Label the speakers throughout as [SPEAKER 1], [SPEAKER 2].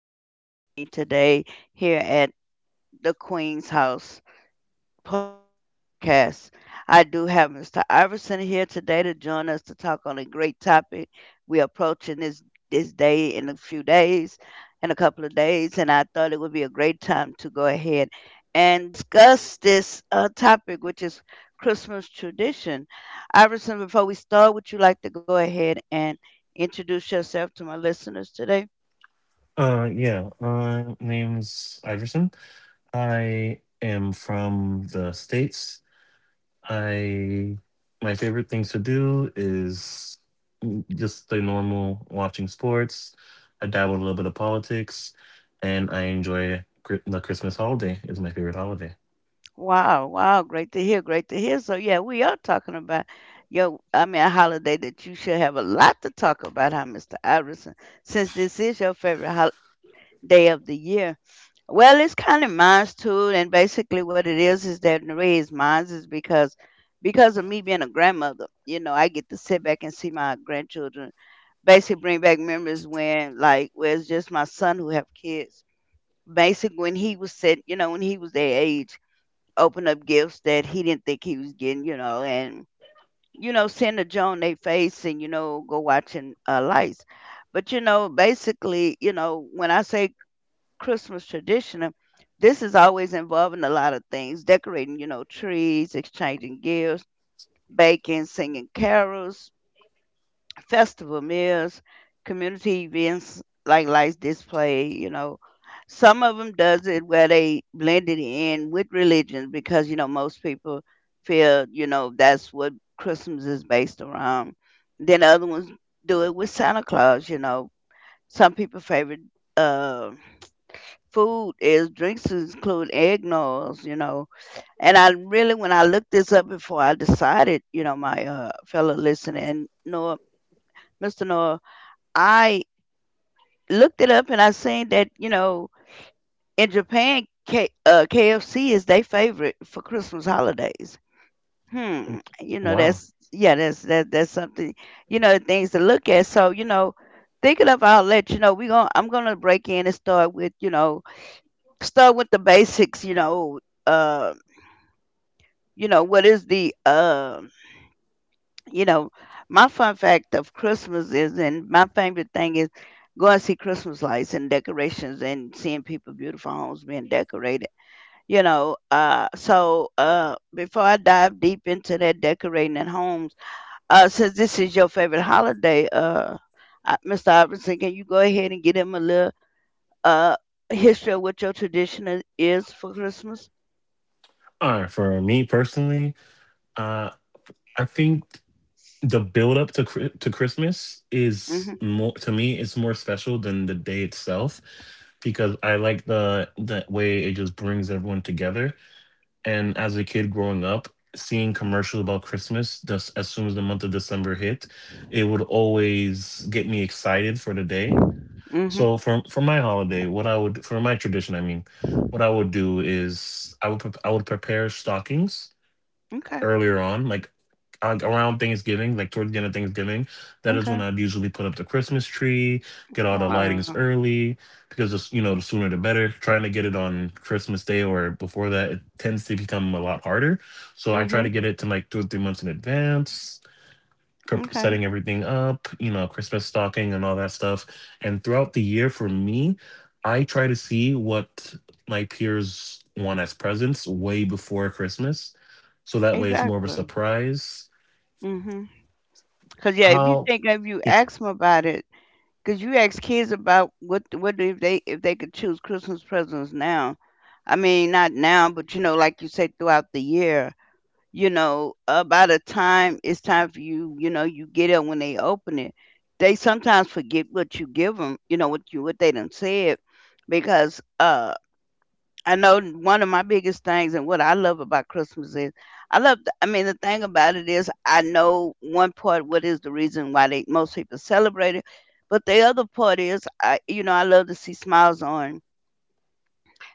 [SPEAKER 1] Thank you for joining me today here at the Queen's House podcast. I do have Mr. Iverson here today to join us to talk on a great topic. We're approaching this day in a few days, in a couple of days, and I thought it would be a great time to go ahead and discuss this topic, which is Christmas tradition. Iverson, before we start, would you like to go ahead and introduce yourself to my listeners today?
[SPEAKER 2] Yeah. Name's Iverson. I am from the states. I My favorite things to do is just the normal watching sports. I dabble in a little bit of politics, and I enjoy the Christmas holiday is my favorite holiday.
[SPEAKER 1] Wow, wow, great to hear, great to hear. So yeah, we are talking about I mean a holiday that you should have a lot to talk about, huh, Mr. Iverson, since this is your favorite holiday of the year. Well, it's kind of mine too, and basically what it is that the reason mine is because of me being a grandmother, you know, I get to sit back and see my grandchildren basically bring back memories when like where it's just my son who have kids. Basically when he was set, you know, when he was their age open up gifts that he didn't think he was getting, you know, and you know, send a Joan they face and you know, go watching lights. But you know, basically, you know, when I say Christmas tradition, this is always involving a lot of things: decorating, you know, trees, exchanging gifts, baking, singing carols, festival meals, community events like lights display, you know. Some of them does it where they blend it in with religion because you know most people feel you know that's what Christmas is based around. Then other ones do it with Santa Claus. You know, some people favorite uh, food is drinks include eggnogs. You know, and I really when I looked this up before I decided, you know, my fellow listener and Noah, Mr. Noah I looked it up and I seen that you know in Japan, KFC is their favorite for Christmas holidays. Hmm, you know that's
[SPEAKER 2] Wow.
[SPEAKER 1] yeah, that's that's something you know things to look at. So you know, thinking of, I'll let you know we going I'm gonna break in and start with you know start with the basics. Uh, you know what is the you know, my fun fact of Christmas is, and my favorite thing is going to see Christmas lights and decorations and seeing people beautiful homes being decorated. You know, so before I dive deep into that decorating at homes, since this is your favorite holiday, Mr. Iverson, can you go ahead and get him a little uh history of what your tradition is for Christmas?
[SPEAKER 2] For me personally, uh, I think. The build up to to Christmas is
[SPEAKER 1] Mm-hmm.
[SPEAKER 2] more, to me it's more special than the day itself, because I like the way it just brings everyone together. And as a kid growing up, seeing commercials about Christmas just as soon as the month of December hit, it would always get me excited for the day.
[SPEAKER 1] Mm-hmm.
[SPEAKER 2] So for my holiday, what I would, for my tradition, what I would do is I would prepare stockings
[SPEAKER 1] Okay.
[SPEAKER 2] earlier on, like around Thanksgiving, like towards the end of Thanksgiving. That
[SPEAKER 1] Okay.
[SPEAKER 2] is when I'd usually put up the Christmas tree, get all the
[SPEAKER 1] Wow.
[SPEAKER 2] lightings early, because it's, you know, the sooner the better. Trying to get it on Christmas Day or before that, it tends to become a lot harder. So I try
[SPEAKER 1] Mm-hmm.
[SPEAKER 2] to get it to like 2 or 3 months in advance,
[SPEAKER 1] Okay.
[SPEAKER 2] setting everything up, you know, Christmas stocking and all that stuff. And throughout the year for me, I try to see what my peers want as presents way before Christmas, so that way it's more of a
[SPEAKER 1] Exactly.
[SPEAKER 2] surprise.
[SPEAKER 1] Mm-hmm. Cause yeah,
[SPEAKER 2] How
[SPEAKER 1] if you ask them about it, cause you ask kids about what if they could choose Christmas presents now, I mean not now, but you know like you say throughout the year, you know by the time it's time for you, you know you get it when they open it, they sometimes forget what you give them, you know what you what they done said, because I know one of my biggest things and what I love about Christmas is I love I mean the thing about it is I know one part what is the reason why they most people celebrate it, but the other part is I you know I love to see smiles on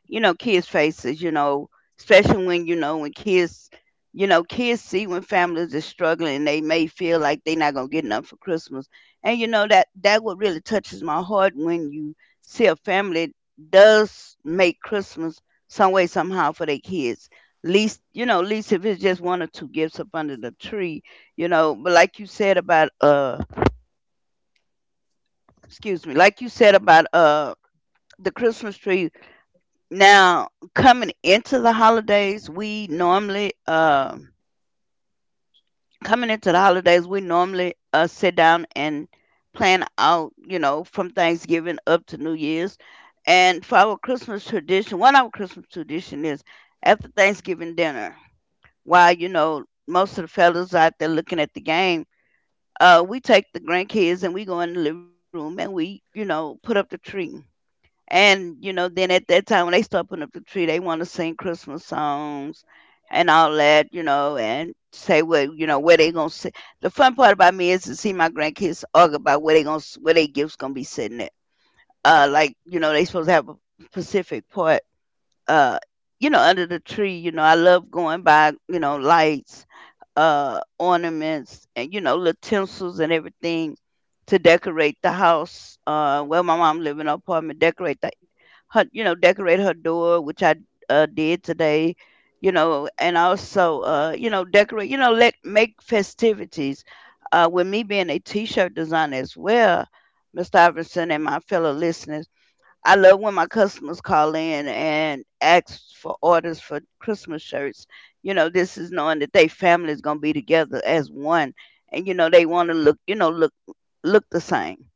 [SPEAKER 1] you know, kids' faces, you know, especially when, you know, when kids, you know, kids see when families are struggling and they may feel like they're not going to get enough for Christmas. And, you know, that what really touches my heart when you see a family does make Christmas some way, somehow for their kids. Least, you know, least if it's just one or two gifts up under the tree, you know, but like you said about, excuse me, like you said about, the Christmas tree. Now, coming into the holidays, we normally Coming into the holidays, we normally sit down and plan out, you know, from Thanksgiving up to New Year's. And for our Christmas tradition, one of our Christmas tradition is after Thanksgiving dinner, while you know most of the fellas out there looking at the game, we take the grandkids and we go in the living room and we, you know, put up the tree. And you know, then at that time when they start putting up the tree, they want to sing Christmas songs and all that, you know, and say what you know where they gonna sit. The fun part about me is to see my grandkids argue about where their gifts gonna be sitting at. Like you know, they supposed to have a Pacific part. Uh, you know, under the tree. You know, I love going by. You know, lights, ornaments, and you know, little tinsels and everything to decorate the house. Where my mom live in an apartment, decorate the her, you know, decorate her door, which I did today, you know, and also, you know, decorate, you know, let make festivities. With me being a t-shirt designer as well, Mr. Iverson and my fellow listeners, I love when my customers call in and ask for orders for Christmas shirts. You know, this is knowing that they family is gonna be together as one, and you know they want to look, you know, look the same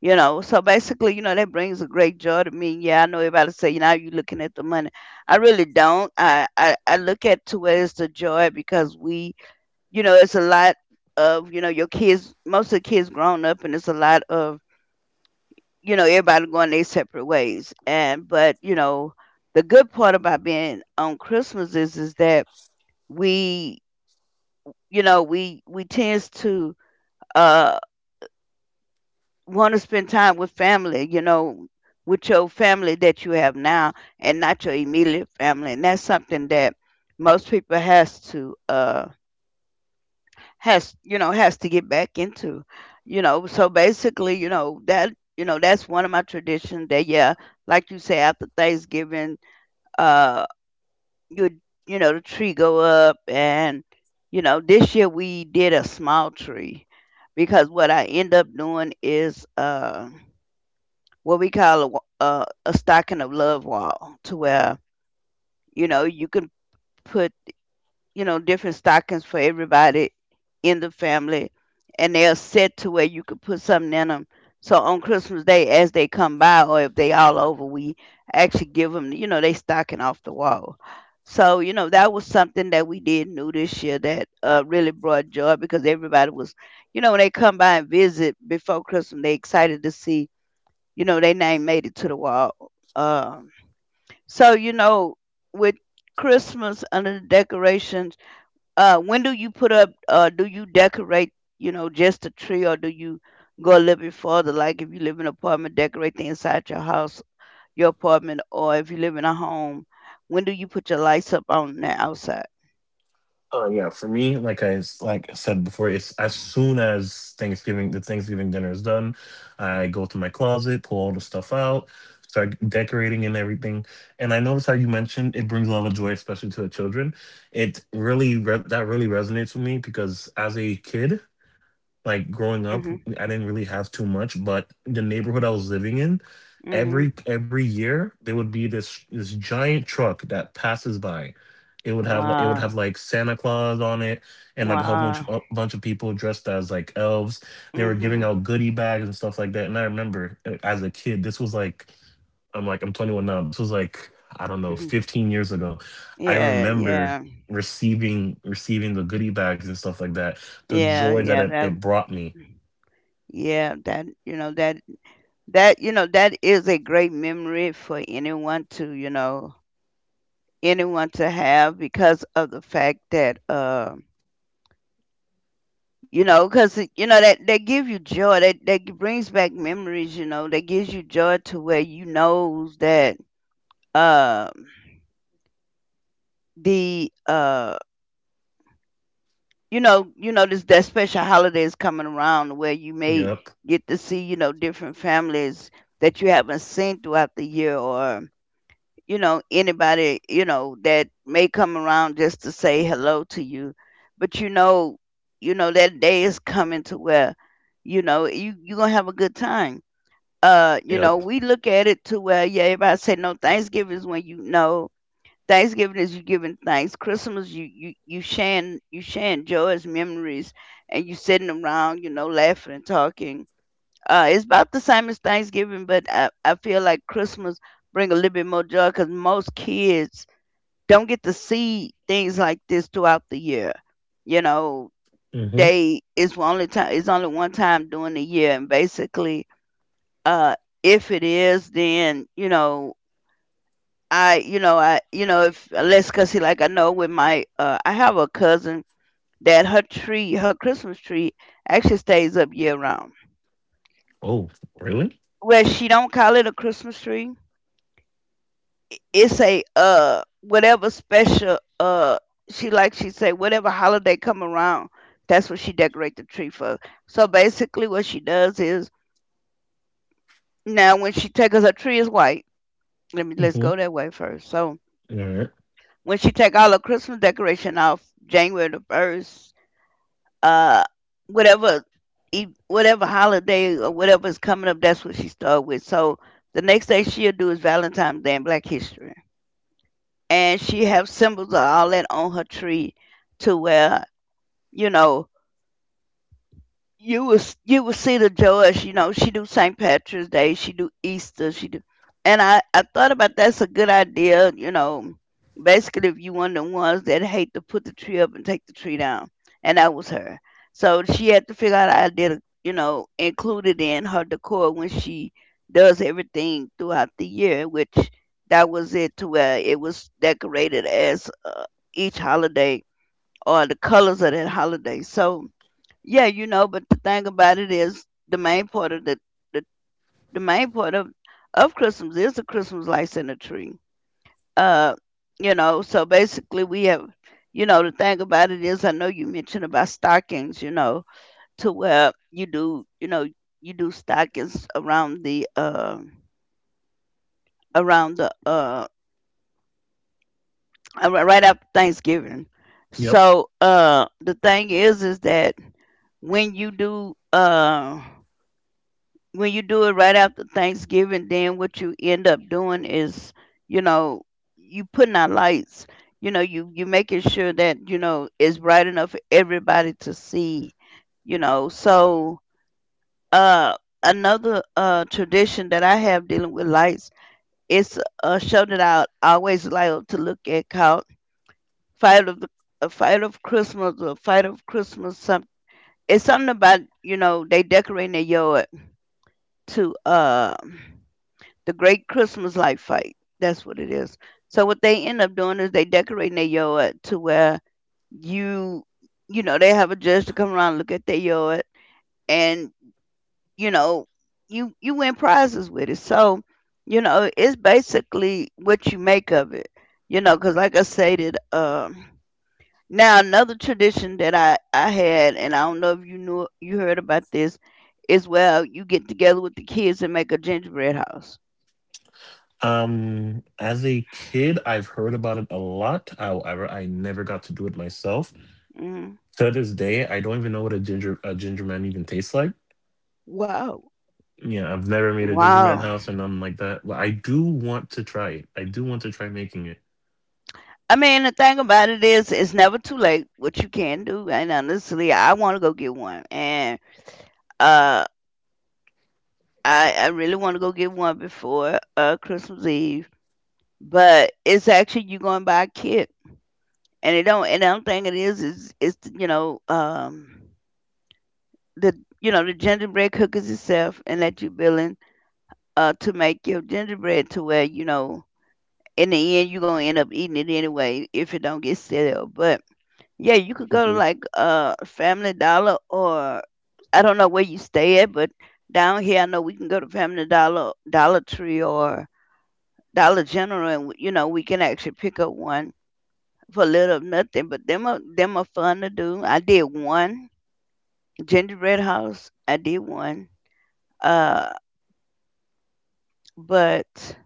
[SPEAKER 1] you know so basically you know that brings a great joy to me. Yeah, I know everybody say you know you looking at the money. I really don't, I look at to it as the joy because we you know it's a lot of you know your kids most of the kids grown up and it's a lot of you know everybody going their separate ways and but you know the good part about being on Christmas is that we you know we tends to uh, want to spend time with family, you know, with your family that you have now and not your immediate family. And that's something that most people has to has you know has to get back into. You know, so basically, you know, that you know, that's one of my traditions that yeah, like you say after Thanksgiving, uh you you know, the tree go up and you know, this year we did a small tree because what I end up doing is what we call a, a stocking of love wall to where you know you can put you know different stockings for everybody in the family and they're set to where you could put something in them so on Christmas day as they come by or if they all over we actually give them you know they stocking off the wall so you know that was something that we did new this year that really brought joy because everybody was you know when they come by and visit before Christmas they excited to see you know, they name made it to the wall. Um, so you know, with Christmas under the decorations, when do you put up? Do you decorate? You know, just the tree, or do you go a little bit further? Like if you live in an apartment, decorate the inside your house, your apartment, or if you live in a home, when do you put your lights up on the outside?
[SPEAKER 2] Yeah, for me, like like I said before, it's as soon as Thanksgiving the Thanksgiving dinner is done, I go to my closet, pull all the stuff out, start decorating and everything. And I notice how you mentioned it brings a lot of joy, especially to the children. It really that really resonates with me, because as a kid, like growing up,
[SPEAKER 1] Mhm.
[SPEAKER 2] I didn't really have too much, but the neighborhood I was living in, every
[SPEAKER 1] Mhm.
[SPEAKER 2] every year there would be this giant truck that passes by. It would have,
[SPEAKER 1] Wow.
[SPEAKER 2] like Santa Claus on it, and like
[SPEAKER 1] Wow.
[SPEAKER 2] a bunch of people dressed as like elves. They were
[SPEAKER 1] Mhm.
[SPEAKER 2] giving out goodie bags and stuff like that. And I remember, as a kid, this was like, I'm 21 now. This was like, I don't know,
[SPEAKER 1] Mhm.
[SPEAKER 2] 15 years ago. I
[SPEAKER 1] Yeah. Yeah.
[SPEAKER 2] remember receiving the goodie bags and stuff like that. The
[SPEAKER 1] Yeah.
[SPEAKER 2] joy that
[SPEAKER 1] Yeah. That
[SPEAKER 2] it brought me.
[SPEAKER 1] yeah that you know that you know that is a great memory for anyone to you know anyone to have because of the fact that you know because you know that they give you joy that brings back memories you know that gives you joy to where you knows that um the you know this that special holiday is coming around where you may
[SPEAKER 2] Yep.
[SPEAKER 1] get to see you know different families that you haven't seen throughout the year or you know anybody you know that may come around just to say hello to you but you know that day is coming to where you know you're gonna have a good time you know
[SPEAKER 2] Yep.
[SPEAKER 1] we look at it to where yeah everybody say no Thanksgiving is when you know Thanksgiving is you giving thanks Christmas you sharing joys memories and you sitting around you know laughing and talking. It's about the same as Thanksgiving, but I feel like Christmas bring a little bit more joy because most kids don't get to see things like this throughout the year. You know,
[SPEAKER 2] Mm-hmm.
[SPEAKER 1] they it's only one time during the year, and basically, uh, if it is, then I you know if unless because like I know with my I have a cousin that her Christmas tree actually stays up year round.
[SPEAKER 2] Oh, really?
[SPEAKER 1] Well, she don't call it a Christmas tree, it's a whatever special she she say whatever holiday come around, that's what she decorate the tree for. So basically what she does is, now when she take, 'cause her tree is white, let's go
[SPEAKER 2] Mm-hmm.
[SPEAKER 1] that way first. So
[SPEAKER 2] All right.
[SPEAKER 1] when she take all her Christmas decoration off January the 1st, uh whatever whatever holiday or whatever is coming up, that's what she start with. So the next day she'll do is Valentine's Day and Black History, and she have symbols of all that on her tree, to where, you know, you will see the Joyce. You know, she do St. Patrick's Day, she do Easter, she do. And I thought about that's a good idea. You know, basically if you one of the ones that hate to put the tree up and take the tree down, and that was her. So she had to figure out how to, you know, include it in her decor when she does everything throughout the year, which that was it, to where it was decorated as each holiday or the colors of that holiday. So yeah, you know, but the thing about it is the main part of the, the main part of Christmas is the Christmas lights in the tree. Uh, you know, so basically we have, you know, the thing about it is, I know you mentioned about stockings, you know, to where you do, you know, you do stockings around the right after Thanksgiving.
[SPEAKER 2] Yep.
[SPEAKER 1] So the thing is that when you do uh when you do it right after Thanksgiving, then what you end up doing is, you know, you putting out lights. You know, you making sure that, you know, it's bright enough for everybody to see. You know, so uh, another tradition that I have dealing with lights is a show that I always like to look at called Fight of the Fight of Christmas or Fight of Christmas. Some, it's something about, you know, they decorate their yard to the Great Christmas Light Fight. That's what it is. So what they end up doing is they decorate their yard to where you you know, they have a judge to come around and look at their yard and, you know, you win prizes with it. So, you know, it's basically what you make of it. You know, because like I stated, um, now another tradition that I had, and I don't know if you heard about this, is well, you get together with the kids and make a gingerbread house.
[SPEAKER 2] As a kid, I've heard about it a lot. However, I never got to do it myself.
[SPEAKER 1] Mm.
[SPEAKER 2] To this day, I don't even know what a ginger man even tastes like.
[SPEAKER 1] Wow.
[SPEAKER 2] Yeah, I've never made a ginger
[SPEAKER 1] Wow.
[SPEAKER 2] man house or nothing like that. But I do want to try it. I do want to try making it.
[SPEAKER 1] I mean, the thing about it is, it's never too late. What you can do, and honestly, I want to go get one, and uh, I really want to go get one before Christmas Eve. But it's actually you going to buy a kit, and it don't. And the other thing it is is you know, um, the you know, the gingerbread cookies itself, and that you building to make your gingerbread, to where, you know, in the end you're gonna end up eating it anyway if it don't get stale. But yeah, you could go to
[SPEAKER 2] Mhm.
[SPEAKER 1] like Family Dollar or, I don't know where you stay at, but down here I know we can go to Family Dollar, Dollar Tree or Dollar General, and you know we can actually pick up one for little or nothing. But them are fun to do. I did one gingerbread house. I did one. Uh but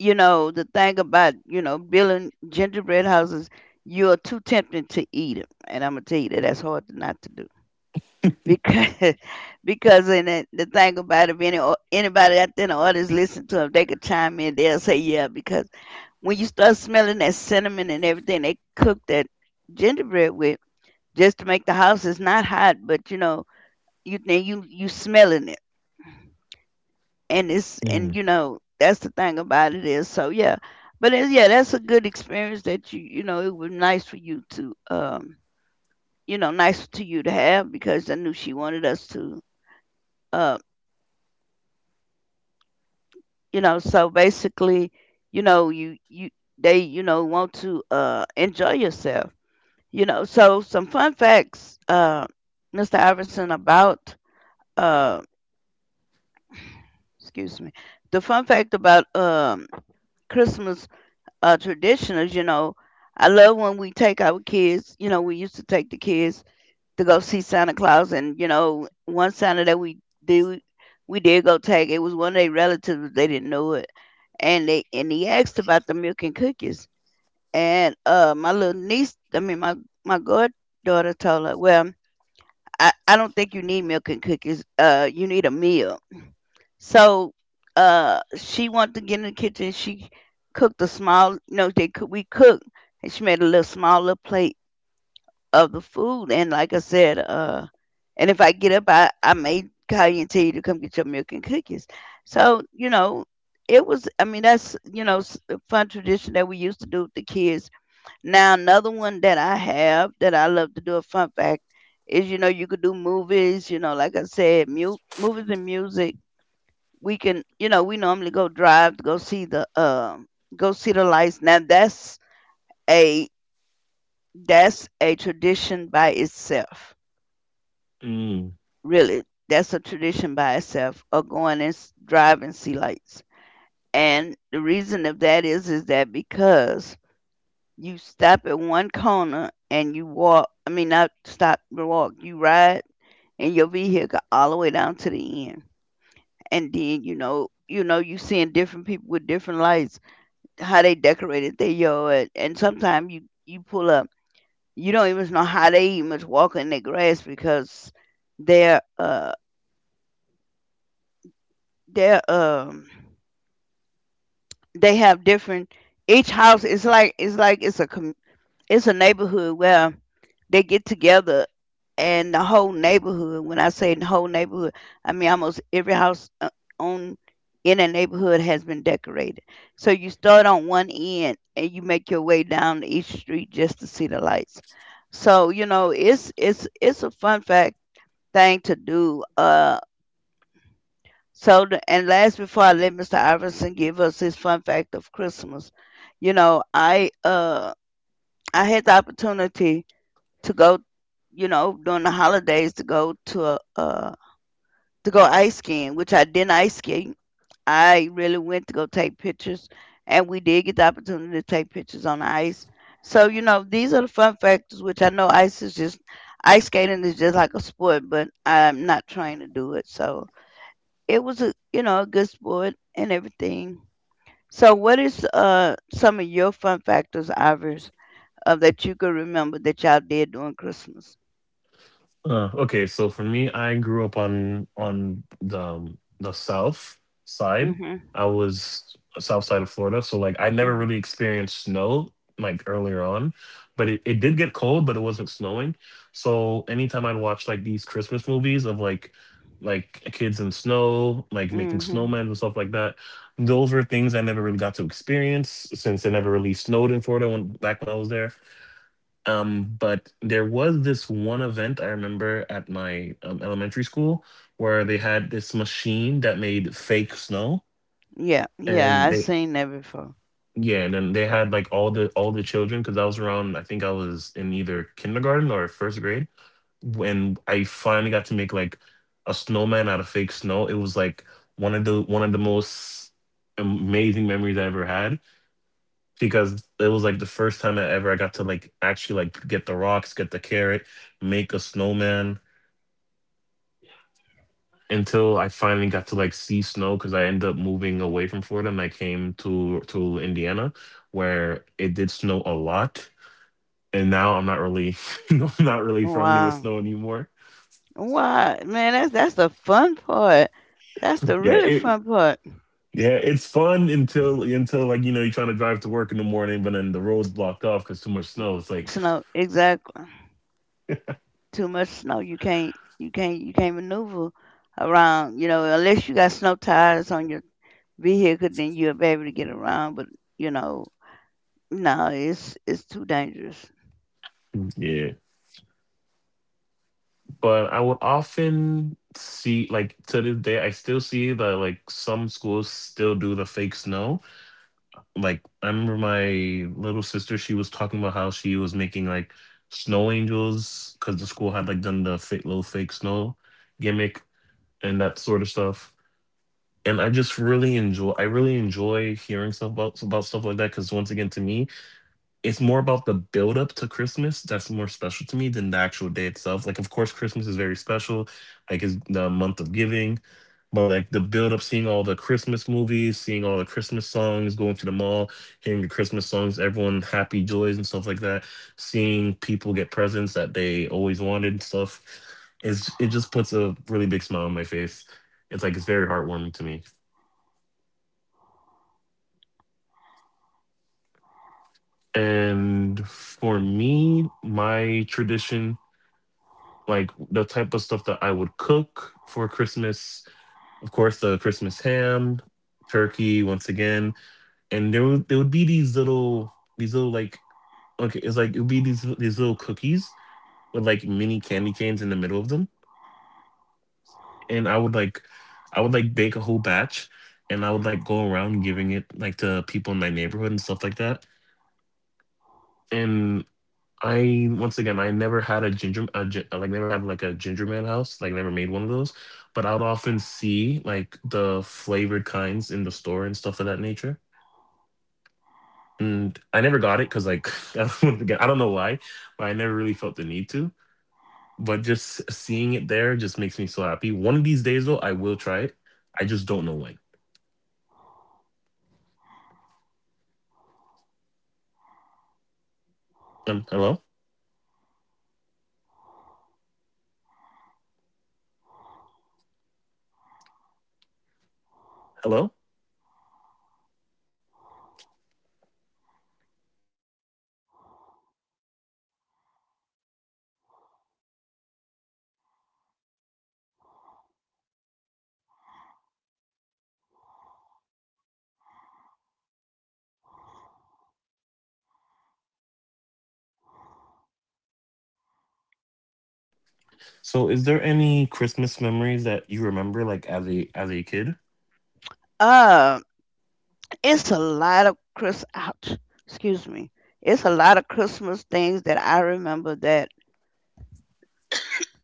[SPEAKER 1] you know the thing about, you know, building gingerbread houses, you're too tempted to eat them, and I'm gonna tell you that that's hard not to do, because because, and the thing about it, if any or anybody out there in the audience listen to them, they could chime in. They'll say yeah, because when you start smelling that cinnamon and everything, they cook that gingerbread with, just to make the house, it's not hot, but, you know, you then you smelling it, and it's, and
[SPEAKER 2] Mm.
[SPEAKER 1] you know that's the thing about it, is so yeah. But it's, yeah, that's a good experience that you know it was nice for you to, um, you know, nice to you to have, because I knew she wanted us to. uh. You know, so basically, you, they, you know, want to enjoy yourself. You know, so some fun facts, Mr. Iverson, about uh excuse me, the fun fact about, um, Christmas tradition, you know, I love when we take our kids. You know, we used to take the kids to go see Santa Claus. And you know, one Santa that we do, we did go take, it was one of their relatives. They didn't know it, and they, and he asked about the milk and cookies. And my little niece, I mean my goddaughter told her, well, I don't think you need milk and cookies. You need a meal. So she wanted to get in the kitchen. She cooked a small. No, they cook. We cooked, and she made a little small little plate of the food. And like I said, and if I get up, I may call you and tell you to come get your milk and cookies. So, you know, it was, I mean, that's, you know, a fun tradition that we used to do with the kids. Now, another one that I have that I love to do, a fun fact, is, you know, you could do movies, you know, like I said, movies and music. We can, you know, we normally go drive to go see the lights. Now, that's a, that's a tradition by itself.
[SPEAKER 2] Mm.
[SPEAKER 1] Really, that's a tradition by itself, or going and drive and see lights. And the reason of that is that because you stop at one corner and you walk, I mean, not stop and walk, you ride in your vehicle all the way down to the end. And then, you know, you seeing different people with different lights, how they decorated their yard. And sometimes you pull up, you don't even know how they even was walking in the grass because they're, uh, they're, um, they have different, each house is like, it's a it's a neighborhood where they get together, and the whole neighborhood, when I say the whole neighborhood, I mean almost every house, on, in a neighborhood has been decorated. So you start on one end and you make your way down each street just to see the lights. So you know, it's a fun fact thing to do. So, and last, before I let Mr. Iverson give us his fun fact of Christmas, you know, I had the opportunity to go, you know, during the holidays to go to a to go ice skiing, which I didn't ice ski. I really went to go take pictures, and we did get the opportunity to take pictures on the ice. So, you know, these are the fun factors, which I know ice skating is just like a sport, but I'm not trying to do it. So, it was a, you know, a good sport and everything. So, what is some of your fun factors, Ivers, that you can remember that y'all did during Christmas?
[SPEAKER 2] Okay, so for me, I grew up on the south side.
[SPEAKER 1] Mhm,
[SPEAKER 2] I was south side of Florida, so like I
[SPEAKER 1] mhm,
[SPEAKER 2] never really experienced snow like earlier on, but it did get cold, but it wasn't snowing. So anytime I'd watch like these Christmas movies of like kids in snow, like making
[SPEAKER 1] mhm.
[SPEAKER 2] snowmen and stuff like that, those were things I never really got to experience, since it never really snowed in Florida when back when I was there. But there was this one event I remember at my elementary school where they had this machine that made fake snow,
[SPEAKER 1] Yeah, yeah, I
[SPEAKER 2] and they
[SPEAKER 1] seen that before.
[SPEAKER 2] yeah, and then they had like all the children, because I was around, I think I was in either kindergarten or first grade when I finally got to make like a snowman out of fake snow. It was like one of the most amazing memories I ever had, because it was like the first time I got to like actually like get the rocks, get the carrot, make a snowman, until I finally got to like see snow, because I ended up moving away from Florida and I came to Indiana where it did snow a lot. And now I'm not really no, I'm not really friendly with
[SPEAKER 1] Wow,
[SPEAKER 2] snow anymore.
[SPEAKER 1] wow, man, that's the fun part. That's the
[SPEAKER 2] Yeah,
[SPEAKER 1] really
[SPEAKER 2] it
[SPEAKER 1] fun part.
[SPEAKER 2] yeah, it's fun until like, you know, you're trying to drive to work in the morning, but then the road's blocked off because too much snow. It's like
[SPEAKER 1] Snow, exactly. Too much snow, you can't maneuver around. You know, unless you got snow tires on your be here, because then you'll be able to get around. But you know, no, it's too dangerous.
[SPEAKER 2] yeah. But I would often see, like, to this day I still see that like some schools still do the fake snow. Like I remember my little sister, she was talking about how she was making like snow angels because the school had like done the fake little fake snow gimmick and that sort of stuff. And I just really enjoy, hearing stuff about stuff like that, because once again, to me it's more about the build up to Christmas that's more special to me than the actual day itself. Like, of course, Christmas is very special, like it's the month of giving, but like the build up, seeing all the Christmas movies, seeing all the Christmas songs, going to the mall, hearing the Christmas songs, everyone happy joys and stuff like that, seeing people get presents that they always wanted and stuff, is, it just puts a really big smile on my face. It's like it's very heartwarming to me. And for me, my tradition, like the type of stuff that I would cook for Christmas. Of course, the Christmas ham, turkey once again, and there would, be these little, these little like okay, it's like it would be these little cookies with like mini candy canes in the middle of them, and I would like, bake a whole batch, and I would like go around giving it like to people in my neighborhood and stuff like that. And, I, once again, I never had a ginger, like never had like a ginger man house, like never made one of those. But I would often see like the flavored kinds in the store and stuff of that nature. And I never got it, because like once again, I don't know why, but I never really felt the need to. But just seeing it there just makes me so happy. One of these days though, I will try it. I just don't know when. Hello, hello. So, is there any Christmas memories that you remember like as a kid?
[SPEAKER 1] Uh, it's a lot of Chris out. Excuse me. It's a lot of Christmas things that I remember that.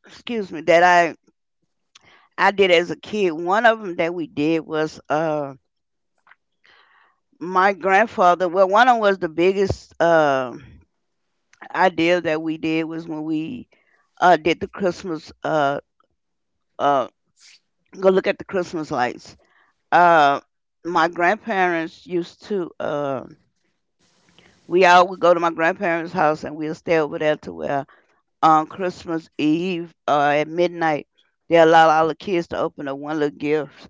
[SPEAKER 1] Excuse me. That I did as a kid. One of them that we did was my grandfather. Well, one of them was the biggest idea that we did was when we did the Christmas uh go look at the Christmas lights. uh, my grandparents used to we all would go to my grandparents' house and we'll stay over there to where on Christmas Eve, at midnight they allow all the kids to open up one little gift,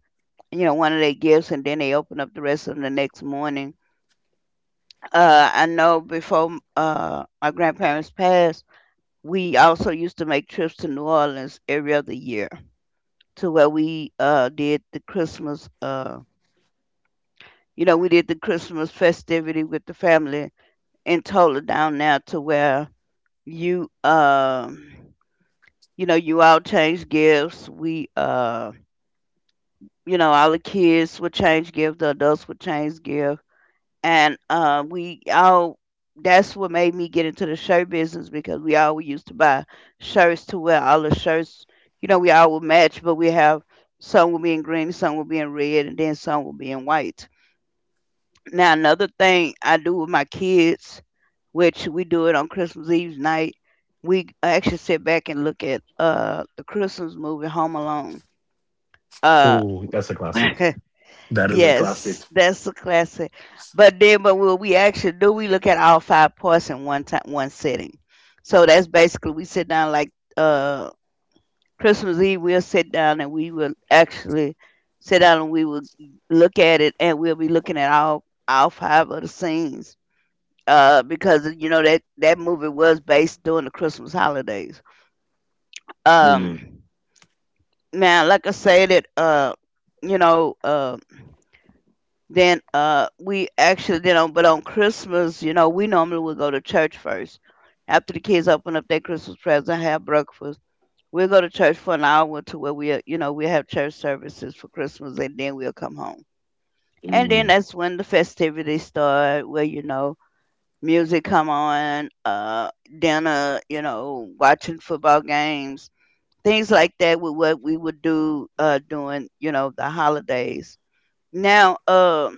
[SPEAKER 1] you know, one of their gifts, and then they open up the rest of them the next morning. I know before my grandparents passed, we also used to make trips to New Orleans every other year to where we did the Christmas. You know, we did the Christmas festivity with the family and totally down now to where you um you know you all change gifts, we you know all the kids would change gifts, the adults would change gifts, and we all, that's what made me get into the shirt business, because we all used to buy shirts to wear, all the shirts, you know, we all would match, but we have some will be in green, some will be in red, and then some will be in white. Now another thing I do with my kids, which we do it on Christmas Eve night, we actually sit back and look at the Christmas movie Home Alone. Uh
[SPEAKER 2] Oh, that's a classic. That is a
[SPEAKER 1] yes,
[SPEAKER 2] classic.
[SPEAKER 1] that's a classic. But then but what we actually do, we look at all five parts in one time, one sitting. So that's basically, we sit down like uh Christmas Eve, we'll sit down and we will actually sit down and we will look at it, and we'll be looking at all five of the scenes, because you know that movie was based during the Christmas holidays.
[SPEAKER 2] Mm,
[SPEAKER 1] Um, Now, like I said, it you know, then we actually, you know, but on Christmas, you know, we normally would go to church first. After the kids open up their Christmas presents and have breakfast, we'll go to church for an hour to where we, you know, we have church services for Christmas, and then we'll come home. And then
[SPEAKER 2] mm.
[SPEAKER 1] that's when the festivities start, where you know music come on, dinner, you know, watching football games, things like that with what we would do during, you know, the holidays. Now,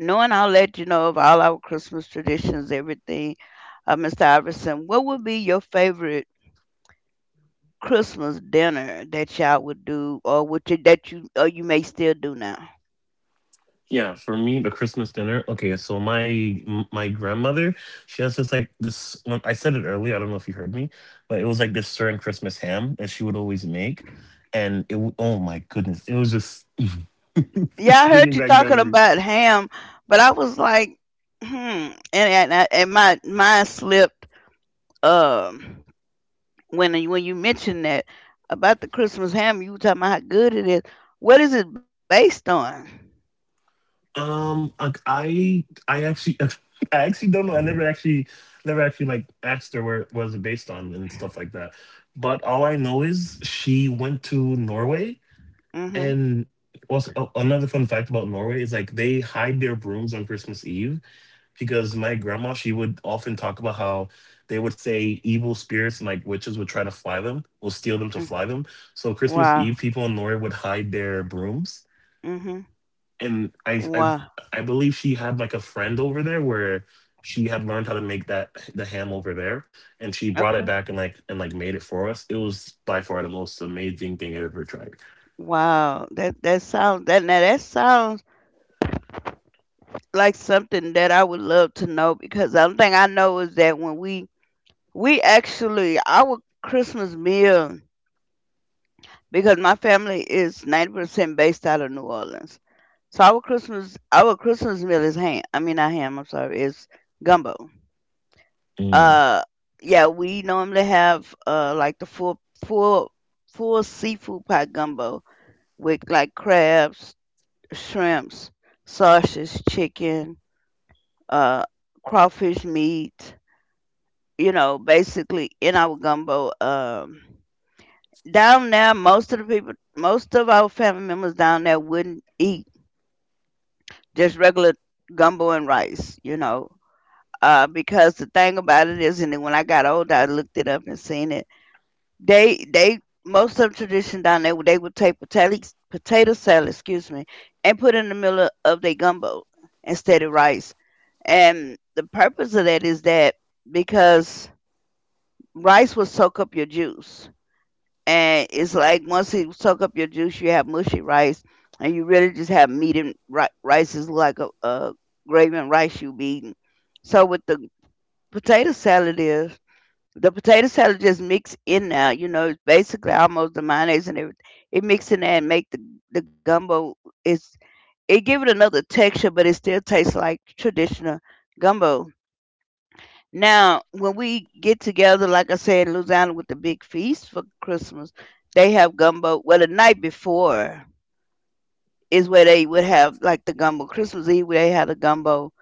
[SPEAKER 1] knowing I'll let you know of all our Christmas traditions, everything, Mr. Iverson, what would be your favorite Christmas dinner that y'all would do, or would you, that you, or you may still do now?
[SPEAKER 2] Yeah, for me, the Christmas dinner. Okay, so my grandmother, she has this like this. Well, I said it earlier. I don't know if you heard me, but it was like this certain Christmas ham that she would always make, and oh my goodness, it was just
[SPEAKER 1] Yeah, I
[SPEAKER 2] it's
[SPEAKER 1] heard
[SPEAKER 2] bringing
[SPEAKER 1] you
[SPEAKER 2] back
[SPEAKER 1] talking
[SPEAKER 2] memory.
[SPEAKER 1] about ham, but I was like, hmm, I- and my mind slipped. Um, when you- when you mentioned that about the Christmas ham, you were talking about how good it is. What is it based on?
[SPEAKER 2] I actually I actually don't know. I never actually never actually like asked her where it was based on and stuff like that. But all I know is she went to Norway.
[SPEAKER 1] Mm-hmm.
[SPEAKER 2] And also, oh, another fun fact about Norway is like they hide their brooms on Christmas Eve, because my grandma, she would often talk about how they would say evil spirits and like witches would try to fly them, will steal them to fly them. So Christmas
[SPEAKER 1] Wow.
[SPEAKER 2] Eve, people in Norway would hide their brooms,
[SPEAKER 1] Mm-hmm.
[SPEAKER 2] and
[SPEAKER 1] Wow.
[SPEAKER 2] I believe she had like a friend over there where she had learned how to make that the ham over there, and she brought
[SPEAKER 1] Okay.
[SPEAKER 2] it back and like made it for us. It was by far the most amazing thing I ever tried.
[SPEAKER 1] Wow. That that sounds that now that sounds like something that I would love to know, because the only thing I know is that when we actually our Christmas meal, because my family is 90% based out of New Orleans. So our Christmas meal is ham. I mean not ham, I'm sorry, is gumbo. Uh, yeah, we normally have like the full full seafood pot gumbo with like crabs, shrimps, sausage, chicken, uh, crawfish meat. You know, basically in our gumbo. Down there, most of the people, most of our family members down there wouldn't eat just regular gumbo and rice. You know, because the thing about it is, and then when I got older, I looked it up and seen it. They most of the tradition down there, they would take potato salad, excuse me, and put it in the middle of their gumbo instead of rice. And the purpose of that is that because rice will soak up your juice. And it's like once it soak up your juice, you have mushy rice, and you really just have meat and rice is like a gravy and rice you be eating. So with the potato salad is, the potato salad just mix in now. You know, it's basically almost the mayonnaise and everything. It mix in there and make the gumbo. It's, it give it another texture, but it still tastes like traditional gumbo. Now, when we get together, like I said, in Louisiana with the big feast for Christmas, they have gumbo. Well, the night before is where they would have like the gumbo. Christmas Eve, where they had a gumbo,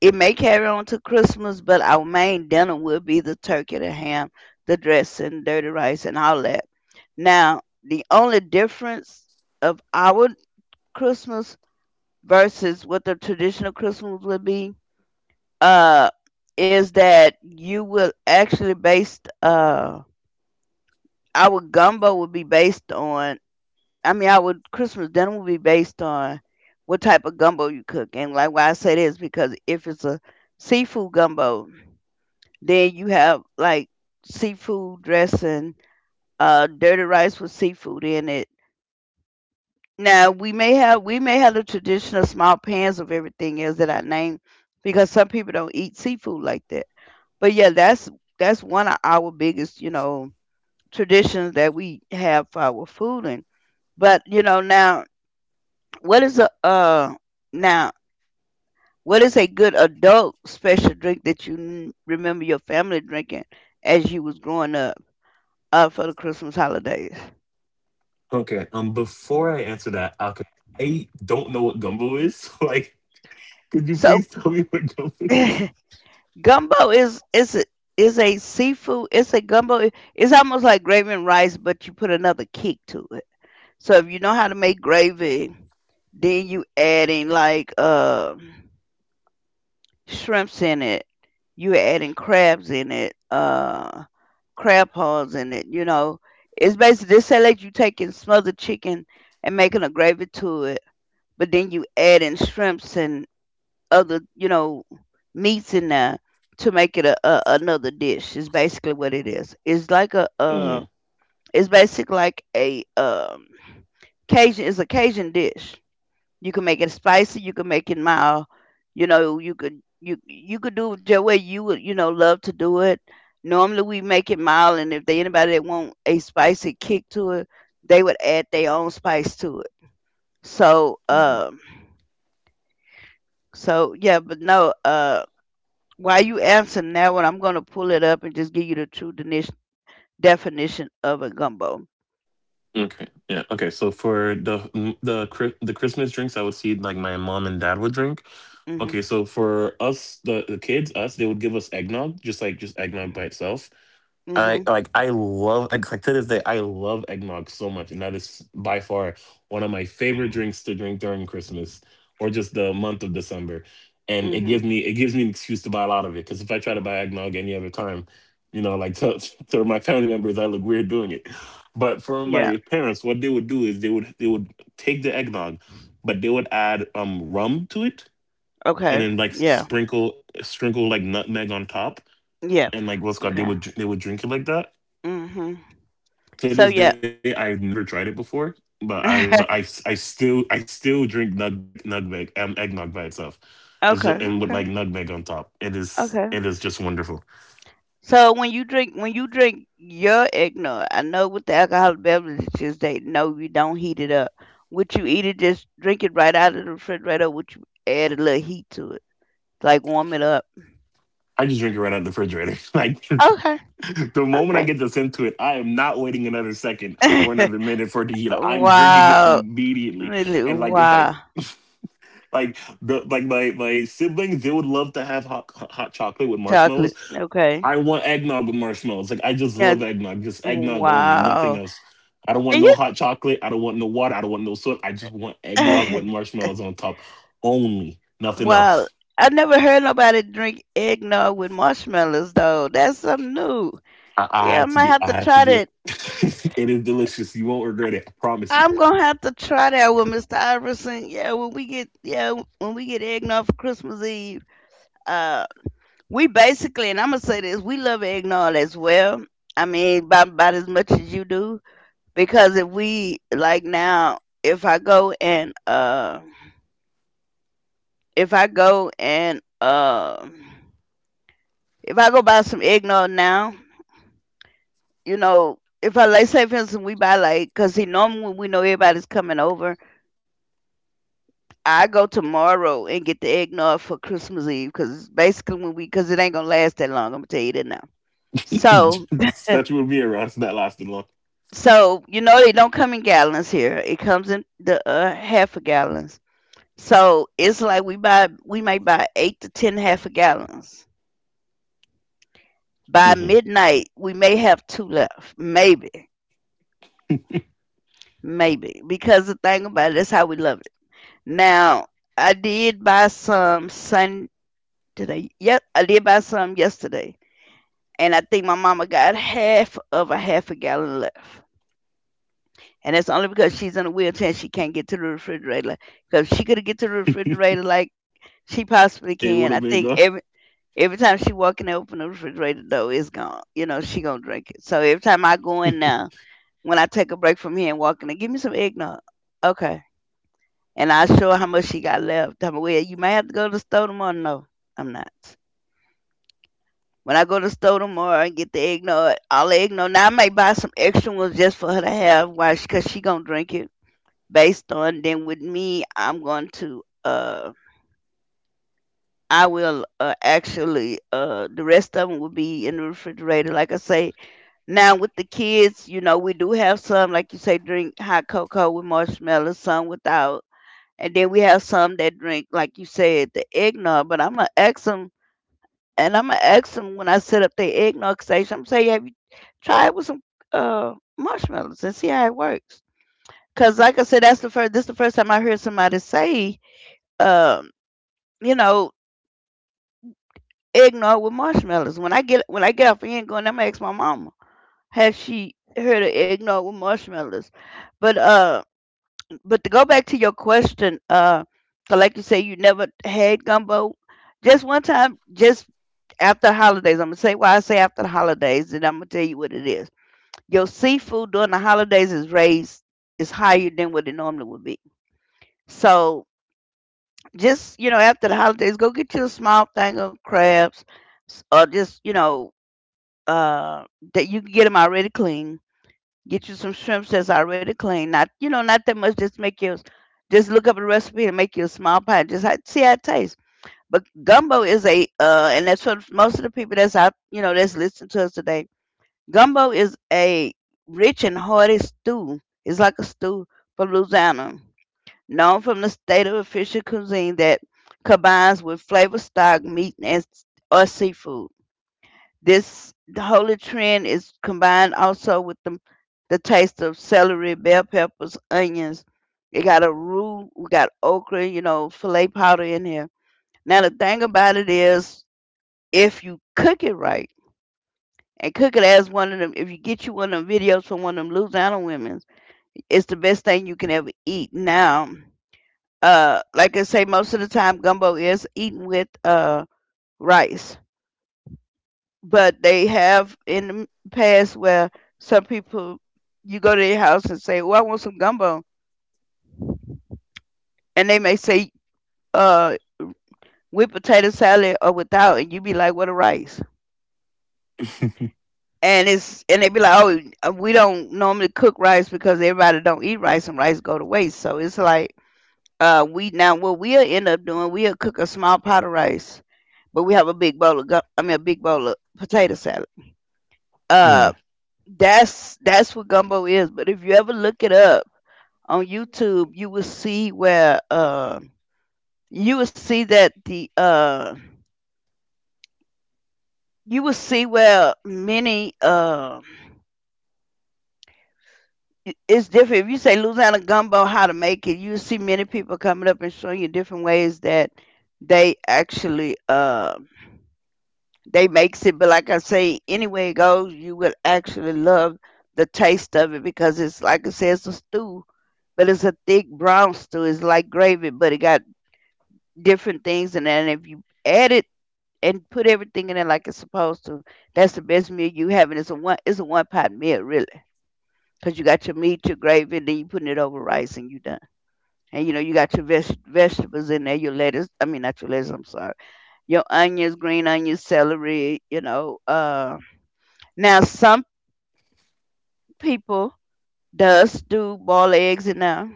[SPEAKER 1] it may carry on to Christmas, but our main dinner will be the turkey, the ham, the dressing, dirty rice, and all that. Now, the only difference of our Christmas versus what the traditional Christmas would be, uh, is that you will actually based our gumbo will be based on, I mean our Christmas dinner will be based on what type of gumbo you cook. And like why I say this, because if it's a seafood gumbo, then you have like seafood dressing, dirty rice with seafood in it. Now we may have the traditional small pans of everything else that I named, because some people don't eat seafood like that. But yeah, that's one of our biggest, you know, traditions that we have for our fooding. But you know, now what is a uh now what is a good adult special drink that you n- remember your family drinking as you was growing up? For the Christmas holidays.
[SPEAKER 2] Okay. Before I answer that, okay, I don't know what gumbo is. So like, could you
[SPEAKER 1] So
[SPEAKER 2] please tell me what gumbo is?
[SPEAKER 1] gumbo is is a seafood. It's a gumbo. It's almost like gravy and rice, but you put another kick to it. So if you know how to make gravy, then you adding like shrimps in it. You adding crabs in it. Crab paws in it. You know, it's basically they say like you taking smothered chicken and making a gravy to it, but then you add in shrimps and other, you know, meats in there to make it a another dish. Is basically what it is. It's like a
[SPEAKER 2] Mm.
[SPEAKER 1] it's basically like a Cajun. It's a Cajun dish. You can make it spicy. You can make it mild. You know, you could you could do it your way. You would you know love to do it. Normally we make it mild, and if they anybody that want a spicy kick to it, they would add their own spice to it. So
[SPEAKER 2] Mhm.
[SPEAKER 1] yeah, but no. While you answering that one, I'm gonna pull it up and just give you the true definition of a gumbo.
[SPEAKER 2] Okay. Yeah. Okay. So for the the the Christmas drinks, I would see like my mom and dad would drink. Okay.
[SPEAKER 1] Mhm.
[SPEAKER 2] So for us, the kids, us, they would give us eggnog, just like just eggnog by itself.
[SPEAKER 1] Mhm.
[SPEAKER 2] I love like to this day I love eggnog so much, and that is by far one of my favorite drinks to drink during Christmas or just the month of December. And it gives
[SPEAKER 1] Mhm.
[SPEAKER 2] me, an excuse to buy a lot of it, because if I try to buy eggnog any other time, you know, like to my family members, I look weird doing it. But for
[SPEAKER 1] Yeah.
[SPEAKER 2] my parents, what they would do is they would take the eggnog, but they would add rum to it, and
[SPEAKER 1] Okay.
[SPEAKER 2] then like
[SPEAKER 1] Yeah.
[SPEAKER 2] sprinkle like nutmeg on top,
[SPEAKER 1] Yeah.
[SPEAKER 2] and like what's called
[SPEAKER 1] Okay.
[SPEAKER 2] they would drink it like that.
[SPEAKER 1] Mhm.
[SPEAKER 2] To
[SPEAKER 1] So
[SPEAKER 2] this day
[SPEAKER 1] yeah.
[SPEAKER 2] I've never tried it before, but I've but I still drink nutmeg eggnog by itself. It's just,
[SPEAKER 1] okay.
[SPEAKER 2] and with like
[SPEAKER 1] Okay.
[SPEAKER 2] nutmeg on top. It is
[SPEAKER 1] Okay.
[SPEAKER 2] it is just wonderful.
[SPEAKER 1] So when you drink your eggnog, I know with the alcoholic beverages they no, you don't heat it up. Would you either just drink it right out of the refrigerator? Or would you add a little heat to it, like warm it up?
[SPEAKER 2] I just drink it right out of the refrigerator.
[SPEAKER 1] Okay.
[SPEAKER 2] The moment I
[SPEAKER 1] Okay.
[SPEAKER 2] get this into it, I am not waiting another second or another minute for it to heat up. I'm drinking it
[SPEAKER 1] wow.
[SPEAKER 2] immediately.
[SPEAKER 1] Really?
[SPEAKER 2] And like if I
[SPEAKER 1] Wow.
[SPEAKER 2] like the like my siblings, they would love to have hot chocolate with marshmallows.
[SPEAKER 1] Chocolate. Okay.
[SPEAKER 2] I want eggnog with marshmallows. Like I just
[SPEAKER 1] Yeah.
[SPEAKER 2] love eggnog. Just eggnog only, nothing
[SPEAKER 1] Wow.
[SPEAKER 2] else. I don't want
[SPEAKER 1] And
[SPEAKER 2] no hot chocolate. I don't want no water. I don't want no soda. I just want eggnog with
[SPEAKER 1] you,
[SPEAKER 2] marshmallows on top only, nothing
[SPEAKER 1] wow.
[SPEAKER 2] else.
[SPEAKER 1] I never heard nobody drink eggnog with marshmallows though. That's something new.
[SPEAKER 2] I
[SPEAKER 1] Yeah, I
[SPEAKER 2] had to
[SPEAKER 1] might
[SPEAKER 2] do.
[SPEAKER 1] have
[SPEAKER 2] I
[SPEAKER 1] to
[SPEAKER 2] had to
[SPEAKER 1] try
[SPEAKER 2] do
[SPEAKER 1] that.
[SPEAKER 2] it. It is delicious. You won't regret it. I promise you.
[SPEAKER 1] I'm gonna have to try that with Mr. Iverson. Yeah, when we get yeah when we get eggnog for Christmas Eve, uh, we basically and I'm gonna say this, we love eggnog as well. I mean, about as much as you do. Because if we like now if I go and if I go and if I go buy some eggnog now, you know if I like say for instance we buy like because see normally when we know everybody's coming over, I go tomorrow and get the eggnog for Christmas Eve, because basically when we because it ain't gonna last that long, I'm gonna tell you that now. so
[SPEAKER 2] Especially with me around, so that lasted long.
[SPEAKER 1] so you know they don't come in gallons here, it comes in the half a gallons. So it's like we may buy 8 to 10 half a gallons. By
[SPEAKER 2] Hmm.
[SPEAKER 1] midnight, we may have two left. Maybe. Maybe. Because the thing about it, that's how we love it. Now, I did buy some Sunday. Yep, I did buy some yesterday. And I think my mama got half of a half a gallon left. And that's only because she's in a wheelchair and she can't get to the refrigerator. Because if she could get to the refrigerator, like she
[SPEAKER 2] It would have
[SPEAKER 1] possibly
[SPEAKER 2] been good.
[SPEAKER 1] can. I think every time she walk in there, open the refrigerator door, it's gone. You know, she gonna drink it. So every time I go in now, when I take a break from here and walk in there, give me some eggnog. Okay. And I show her how much she got left. I'm well, you may have to go to the store tomorrow. No, I'm not. When I go to the store tomorrow and get the eggnog, all the eggnog. Now I may buy some extra ones just for her to have. Why? Because she gonna drink it. Based on then with me, I'm going to I will, actually the rest of them will be in the refrigerator. Like I say, now with the kids, we do have some, like you say, drink hot cocoa with marshmallows, some without, and then we have some that drink, like you said, the eggnog. But I'm gonna ask them, and I'm gonna ask them when I set up the eggnog station. I'm say, have you tried with some marshmallows and see how it works? Cause like I said, that's the first. This the first time I heard somebody say, um, you know, eggnog with marshmallows. When I get off the end going, I'm gonna ask my mama, has she heard of eggnog with marshmallows? But uh. But to go back to your question, 'cause like you say, you never had gumbo. Just one time, just after the holidays. I'm gonna say why I say after the holidays, and I'm gonna tell you what it is. Your seafood during the holidays is raised, is higher than what it normally would be. So just, after the holidays, go get you a small thing of crabs, or just, uh, that you can get them already clean. Get you some shrimps that's already clean. Not, not that much. Just make you just look up a recipe and make you a small pot. Just see how it tastes. But gumbo is a, and that's what most of the people that's out, that's listening to us today. Gumbo is a rich and hearty stew. It's like a stew from Louisiana, known from the state of official cuisine that combines with flavor stock meat or seafood. This the holy trend is combined also with the taste of celery, bell peppers, onions. It got a roux, we got okra, filet powder in here. Now, the thing about it is, if you cook it right and cook it as one of them, if you get you one of them videos from one of them Louisiana women, it's the best thing you can ever eat. Now, like I say, most of the time gumbo is eaten with rice, but they have in the past where some people, you go to their house and say, "Well, I want some gumbo," and they may say, "Uh, with potato salad or without," and you be like, "What a rice." And they be like, "Oh, we don't normally cook rice because everybody don't eat rice and rice go to waste." So it's like, we, now what we'll end up doing, we'll cook a small pot of rice, but we have a big bowl of I mean a big bowl of potato salad. Uh, that's what gumbo is. But if you ever look it up on YouTube, you will see that the uh, you will see where many it's different. If you say Louisiana gumbo, how to make it, you will see many people coming up and showing you different ways that they actually, they makes it. But like I say, anyway it goes, you will actually love the taste of it, because it's like I said, it's a stew. But it's a thick brown stew. It's like gravy, but it got different things in it. And if you add it and put everything in it like it's supposed to, that's the best meal you having. It's a one pot meal, really, cause you got your meat, your gravy, and then you putting it over rice, and you done. And you know you got your vegetables in there, your lettuce. I mean, not your lettuce. I'm sorry. Your onions, green onions, celery. You know. Now some people does do boil eggs in there,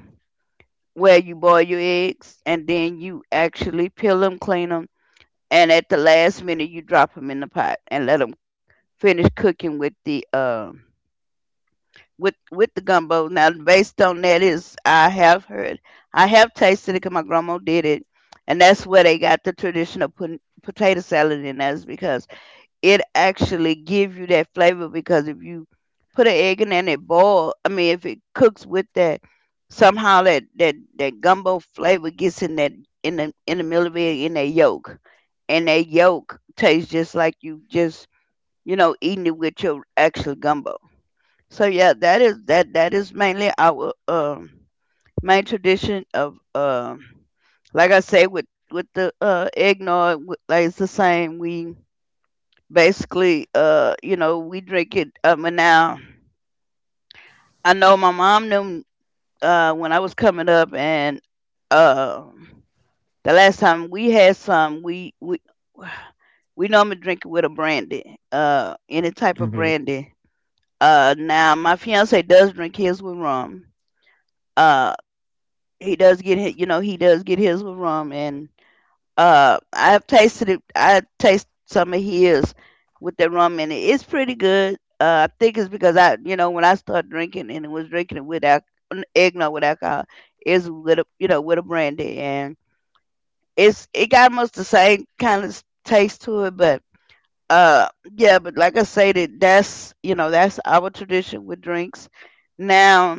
[SPEAKER 1] where you boil your eggs and then you actually peel them, clean them, and at the last minute you drop them in the pot and let them finish cooking with the with the gumbo. Now, based on that is, I have heard, I have tasted it because my grandma did it, and that's where they got the traditional potato salad in. That's because it actually give you that flavor. Because if you put an egg in there and it boil, I mean, if it cooks with that, somehow that gumbo flavor gets in that, in the, in the middle of it, in that yolk, and that yolk tastes just like you just, eating it with your actual gumbo. So yeah, that is, that is mainly our main tradition of, like I say, with the eggnog, like it's the same. We basically, we drink it, and now I know my mom knew, when I was coming up, and uh the last time we had some, we we normally drink it with a brandy, any type of
[SPEAKER 2] Mm-hmm.
[SPEAKER 1] brandy. Now my fiance does drink his with rum. Um He does get hit, you know, he does get his with rum. And I've tasted it. I taste some of his with the rum, and it's pretty good. I think it's because I, when I started drinking and was drinking it with eggnog with alcohol, is with a brandy, and it got almost the same kind of taste to it, but uh, yeah. But like I say, that's, that's our tradition with drinks. Now,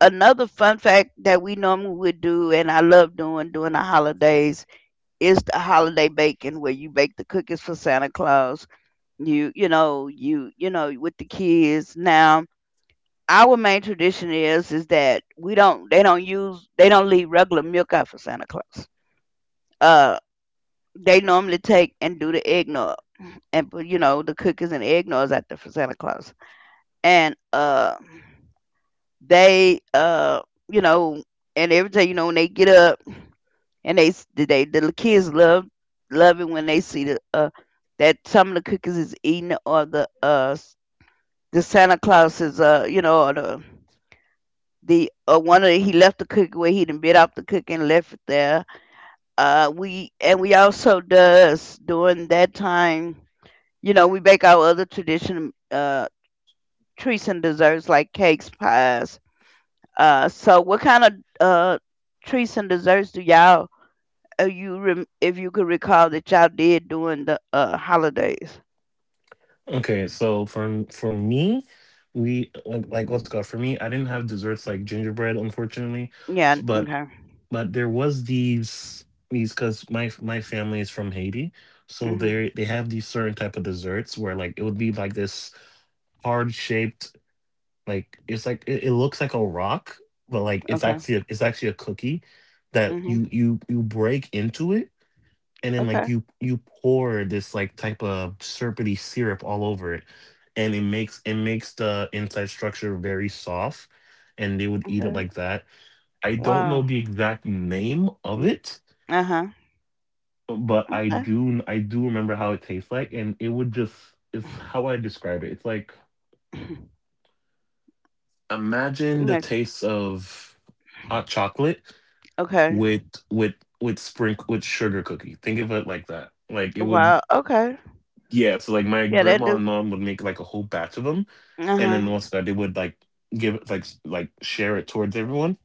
[SPEAKER 1] another fun fact that we normally would do and I love doing during the holidays is the holiday baking, where you bake the cookies for Santa Claus. With the kids. Now, our main tradition is, that we don't, they don't use, they don't leave regular milk out for Santa Claus. Uh they normally take and do the eggnog and put, you know, the cookies and eggnogs out there for Santa Claus. And they, you know and every day, you know, when they get up, and they s- they the little kids love it when they see the, that some of the cookies is eaten, or the Santa Claus is, or the one of the, he left the cookie where he done bit off the cookie and left it there. We also does during that time. You know, we bake our other traditional treats and desserts like cakes, pies. So what kind of uh treats and desserts do y'all, if you could recall that y'all did during the holidays.
[SPEAKER 2] Okay, so for me, we like let's go. For me, I didn't have desserts like gingerbread, unfortunately, s-
[SPEAKER 1] Yeah.
[SPEAKER 2] but.
[SPEAKER 1] Okay.
[SPEAKER 2] But there was these because my family is from Haiti, so
[SPEAKER 1] Mhm.
[SPEAKER 2] they have these certain type of desserts where like it would be like this hard shaped, like it's like it looks like a rock, but like it's
[SPEAKER 1] Okay.
[SPEAKER 2] actually a cookie that you
[SPEAKER 1] Mhm.
[SPEAKER 2] you you break into it, and then
[SPEAKER 1] Okay.
[SPEAKER 2] like you pour this like type of syrupy syrup all over it, and it makes the inside structure very soft, and they would eat it
[SPEAKER 1] Okay.
[SPEAKER 2] like that. I don't
[SPEAKER 1] Wow.
[SPEAKER 2] know the exact name of it,
[SPEAKER 1] Uh huh.
[SPEAKER 2] but I
[SPEAKER 1] Okay.
[SPEAKER 2] do I do remember how it tastes like, and it would just it's how I describe it. It's like imagine the
[SPEAKER 1] Okay.
[SPEAKER 2] taste of hot chocolate
[SPEAKER 1] Okay.
[SPEAKER 2] with with with sprinkle with sugar cookie. Think of it like that. Like it
[SPEAKER 1] Wow.
[SPEAKER 2] would,
[SPEAKER 1] Okay.
[SPEAKER 2] yeah. So like my
[SPEAKER 1] Yeah, that
[SPEAKER 2] grandma and
[SPEAKER 1] do.
[SPEAKER 2] mom would make like a whole batch of them,
[SPEAKER 1] Uh
[SPEAKER 2] and
[SPEAKER 1] huh.
[SPEAKER 2] then once that they would like give it like like share it towards everyone.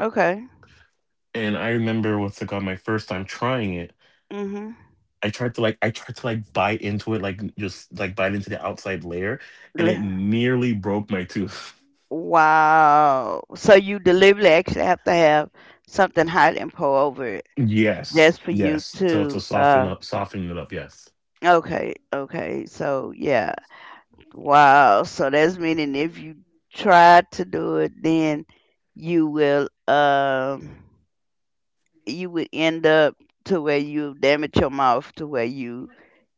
[SPEAKER 1] Okay.
[SPEAKER 2] And I remember what's it called my first time trying it,
[SPEAKER 1] Mhm.
[SPEAKER 2] I tried to like bite into it, like just like bite into the outside layer, and it
[SPEAKER 1] Le-
[SPEAKER 2] nearly broke my tooth.
[SPEAKER 1] Wow. So you deliberately actually have to have something hot and pour over it
[SPEAKER 2] Yes,
[SPEAKER 1] just for you
[SPEAKER 2] yes,
[SPEAKER 1] to.
[SPEAKER 2] to soften up, soften it up. Yes.
[SPEAKER 1] Okay. Okay. So yeah. Wow. So that's meaning if you try to do it, then you will um you would end up to where you damage your mouth to where you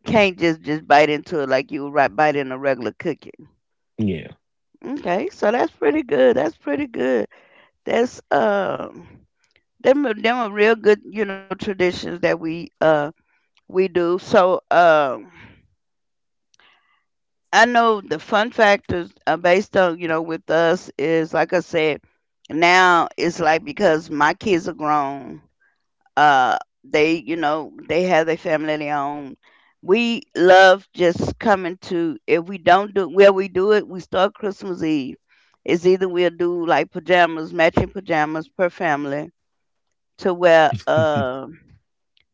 [SPEAKER 1] can't just bite into it like you would right bite in a regular cookie.
[SPEAKER 2] Yeah.
[SPEAKER 1] Okay, so that's pretty good. That's pretty good. That's, them are real good, you know, traditions that we do. So, I know the fun factors, based on, with us, is like I said. Now it's like, because my kids are grown, uh, they you know they have their family of their own. We love just coming to, if we don't do well, we do it, we start Christmas Eve. It's either we'll do like pajamas, matching pajamas per family, to where, uh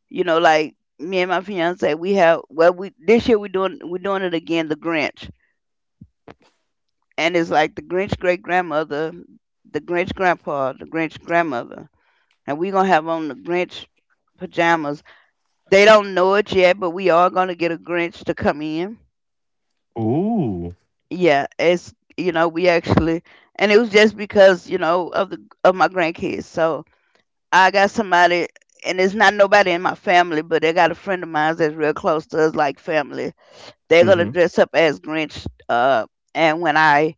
[SPEAKER 1] you know like, me and my fiance, we have, well, we, this year, we're doing it again, the Grinch. And it's like, the Grinch great grandmother, the Grinch grandpa, the Grinch grandmother, and we gonna have on the Grinch pajamas. They don't know it yet, but we are gonna get a Grinch to come in.
[SPEAKER 2] Ooh.
[SPEAKER 1] Yeah, it's, we actually, and it was just because, of the of my grandkids. So I got somebody, and it's not nobody in my family, but they got a friend of mine that's real close to us, like family. They're gonna
[SPEAKER 2] Mm-hmm.
[SPEAKER 1] dress up as Grinch, and when I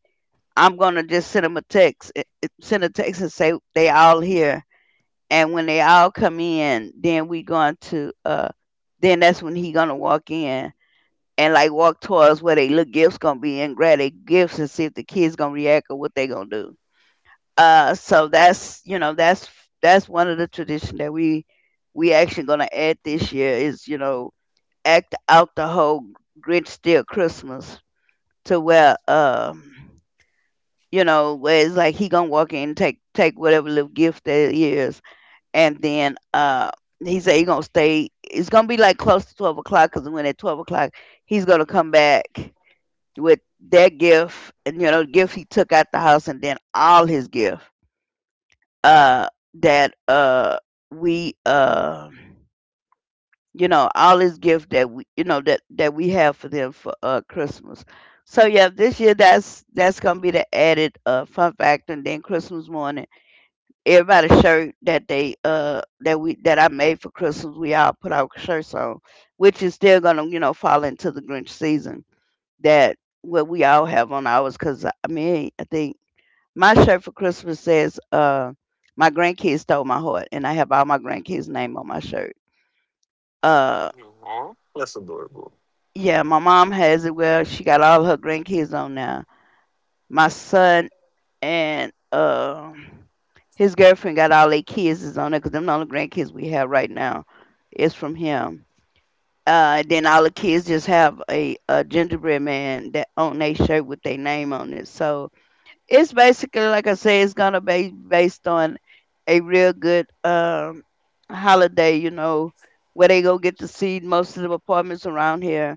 [SPEAKER 1] I'm gonna just send them a text, send a text and say they all here. And when they all come in, then we going to, then that's when he gonna walk in and like walk towards where they little gifts gonna be and grab their gifts and see if the kids gonna react or what they gonna do. So that's one of the tradition that we actually gonna add this year is act out the whole Grinch steal Christmas to where you know, where it's like he gonna walk in, take whatever little gift there is, and then he said he gonna stay. It's gonna be like close to 12 o'clock because when at 12 o'clock he's gonna come back with that gift, and you know, the gift he took out the house, and then all his gift uh, that we you know, all his gift that we you know that that we have for them for Christmas. So yeah, this year that's gonna be the added fun factor. And then Christmas morning everybody shirt that they that we that I made for Christmas, we all put our shirts on, which is still gonna fall into the Grinch season. That what we all have on ours, because I mean I think my shirt for Christmas says my grandkids stole my heart, and I have all my grandkids' name on my shirt. Uh
[SPEAKER 2] Aw, that's adorable.
[SPEAKER 1] yeah, my mom has it. Well, she got all her grandkids on now. My son and his girlfriend got all their kids is on there because them the only grandkids we have right now is from him. Then all the kids just have a gingerbread man that on their shirt with their name on it. So it's basically like I say, it's gonna be based on a real good holiday, you know, where they go get to see most of the apartments around here.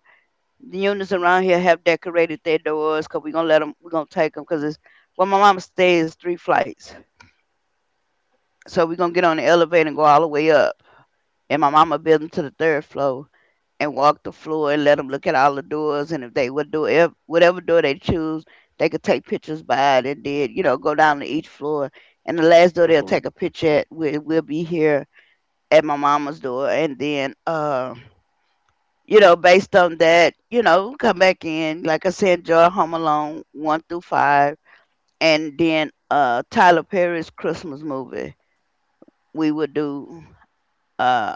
[SPEAKER 1] The units around here have decorated their doors because we're gonna take them because it's well, my mama stays three flights. So we're gonna get on the elevator and go all the way up. And my mama built them to the third floor and walk the floor and let them look at all the doors. And if they would do whatever door they choose, they could take pictures by it and then, you know, go down to each floor. And the last door they'll
[SPEAKER 2] Hmm.
[SPEAKER 1] take a picture at will be here at my mama's door. And then, you know, based on that, you know, come back in. Like I said, enjoy Home Alone 1 through 5. And then Tyler Perry's Christmas movie. We would do. Uh,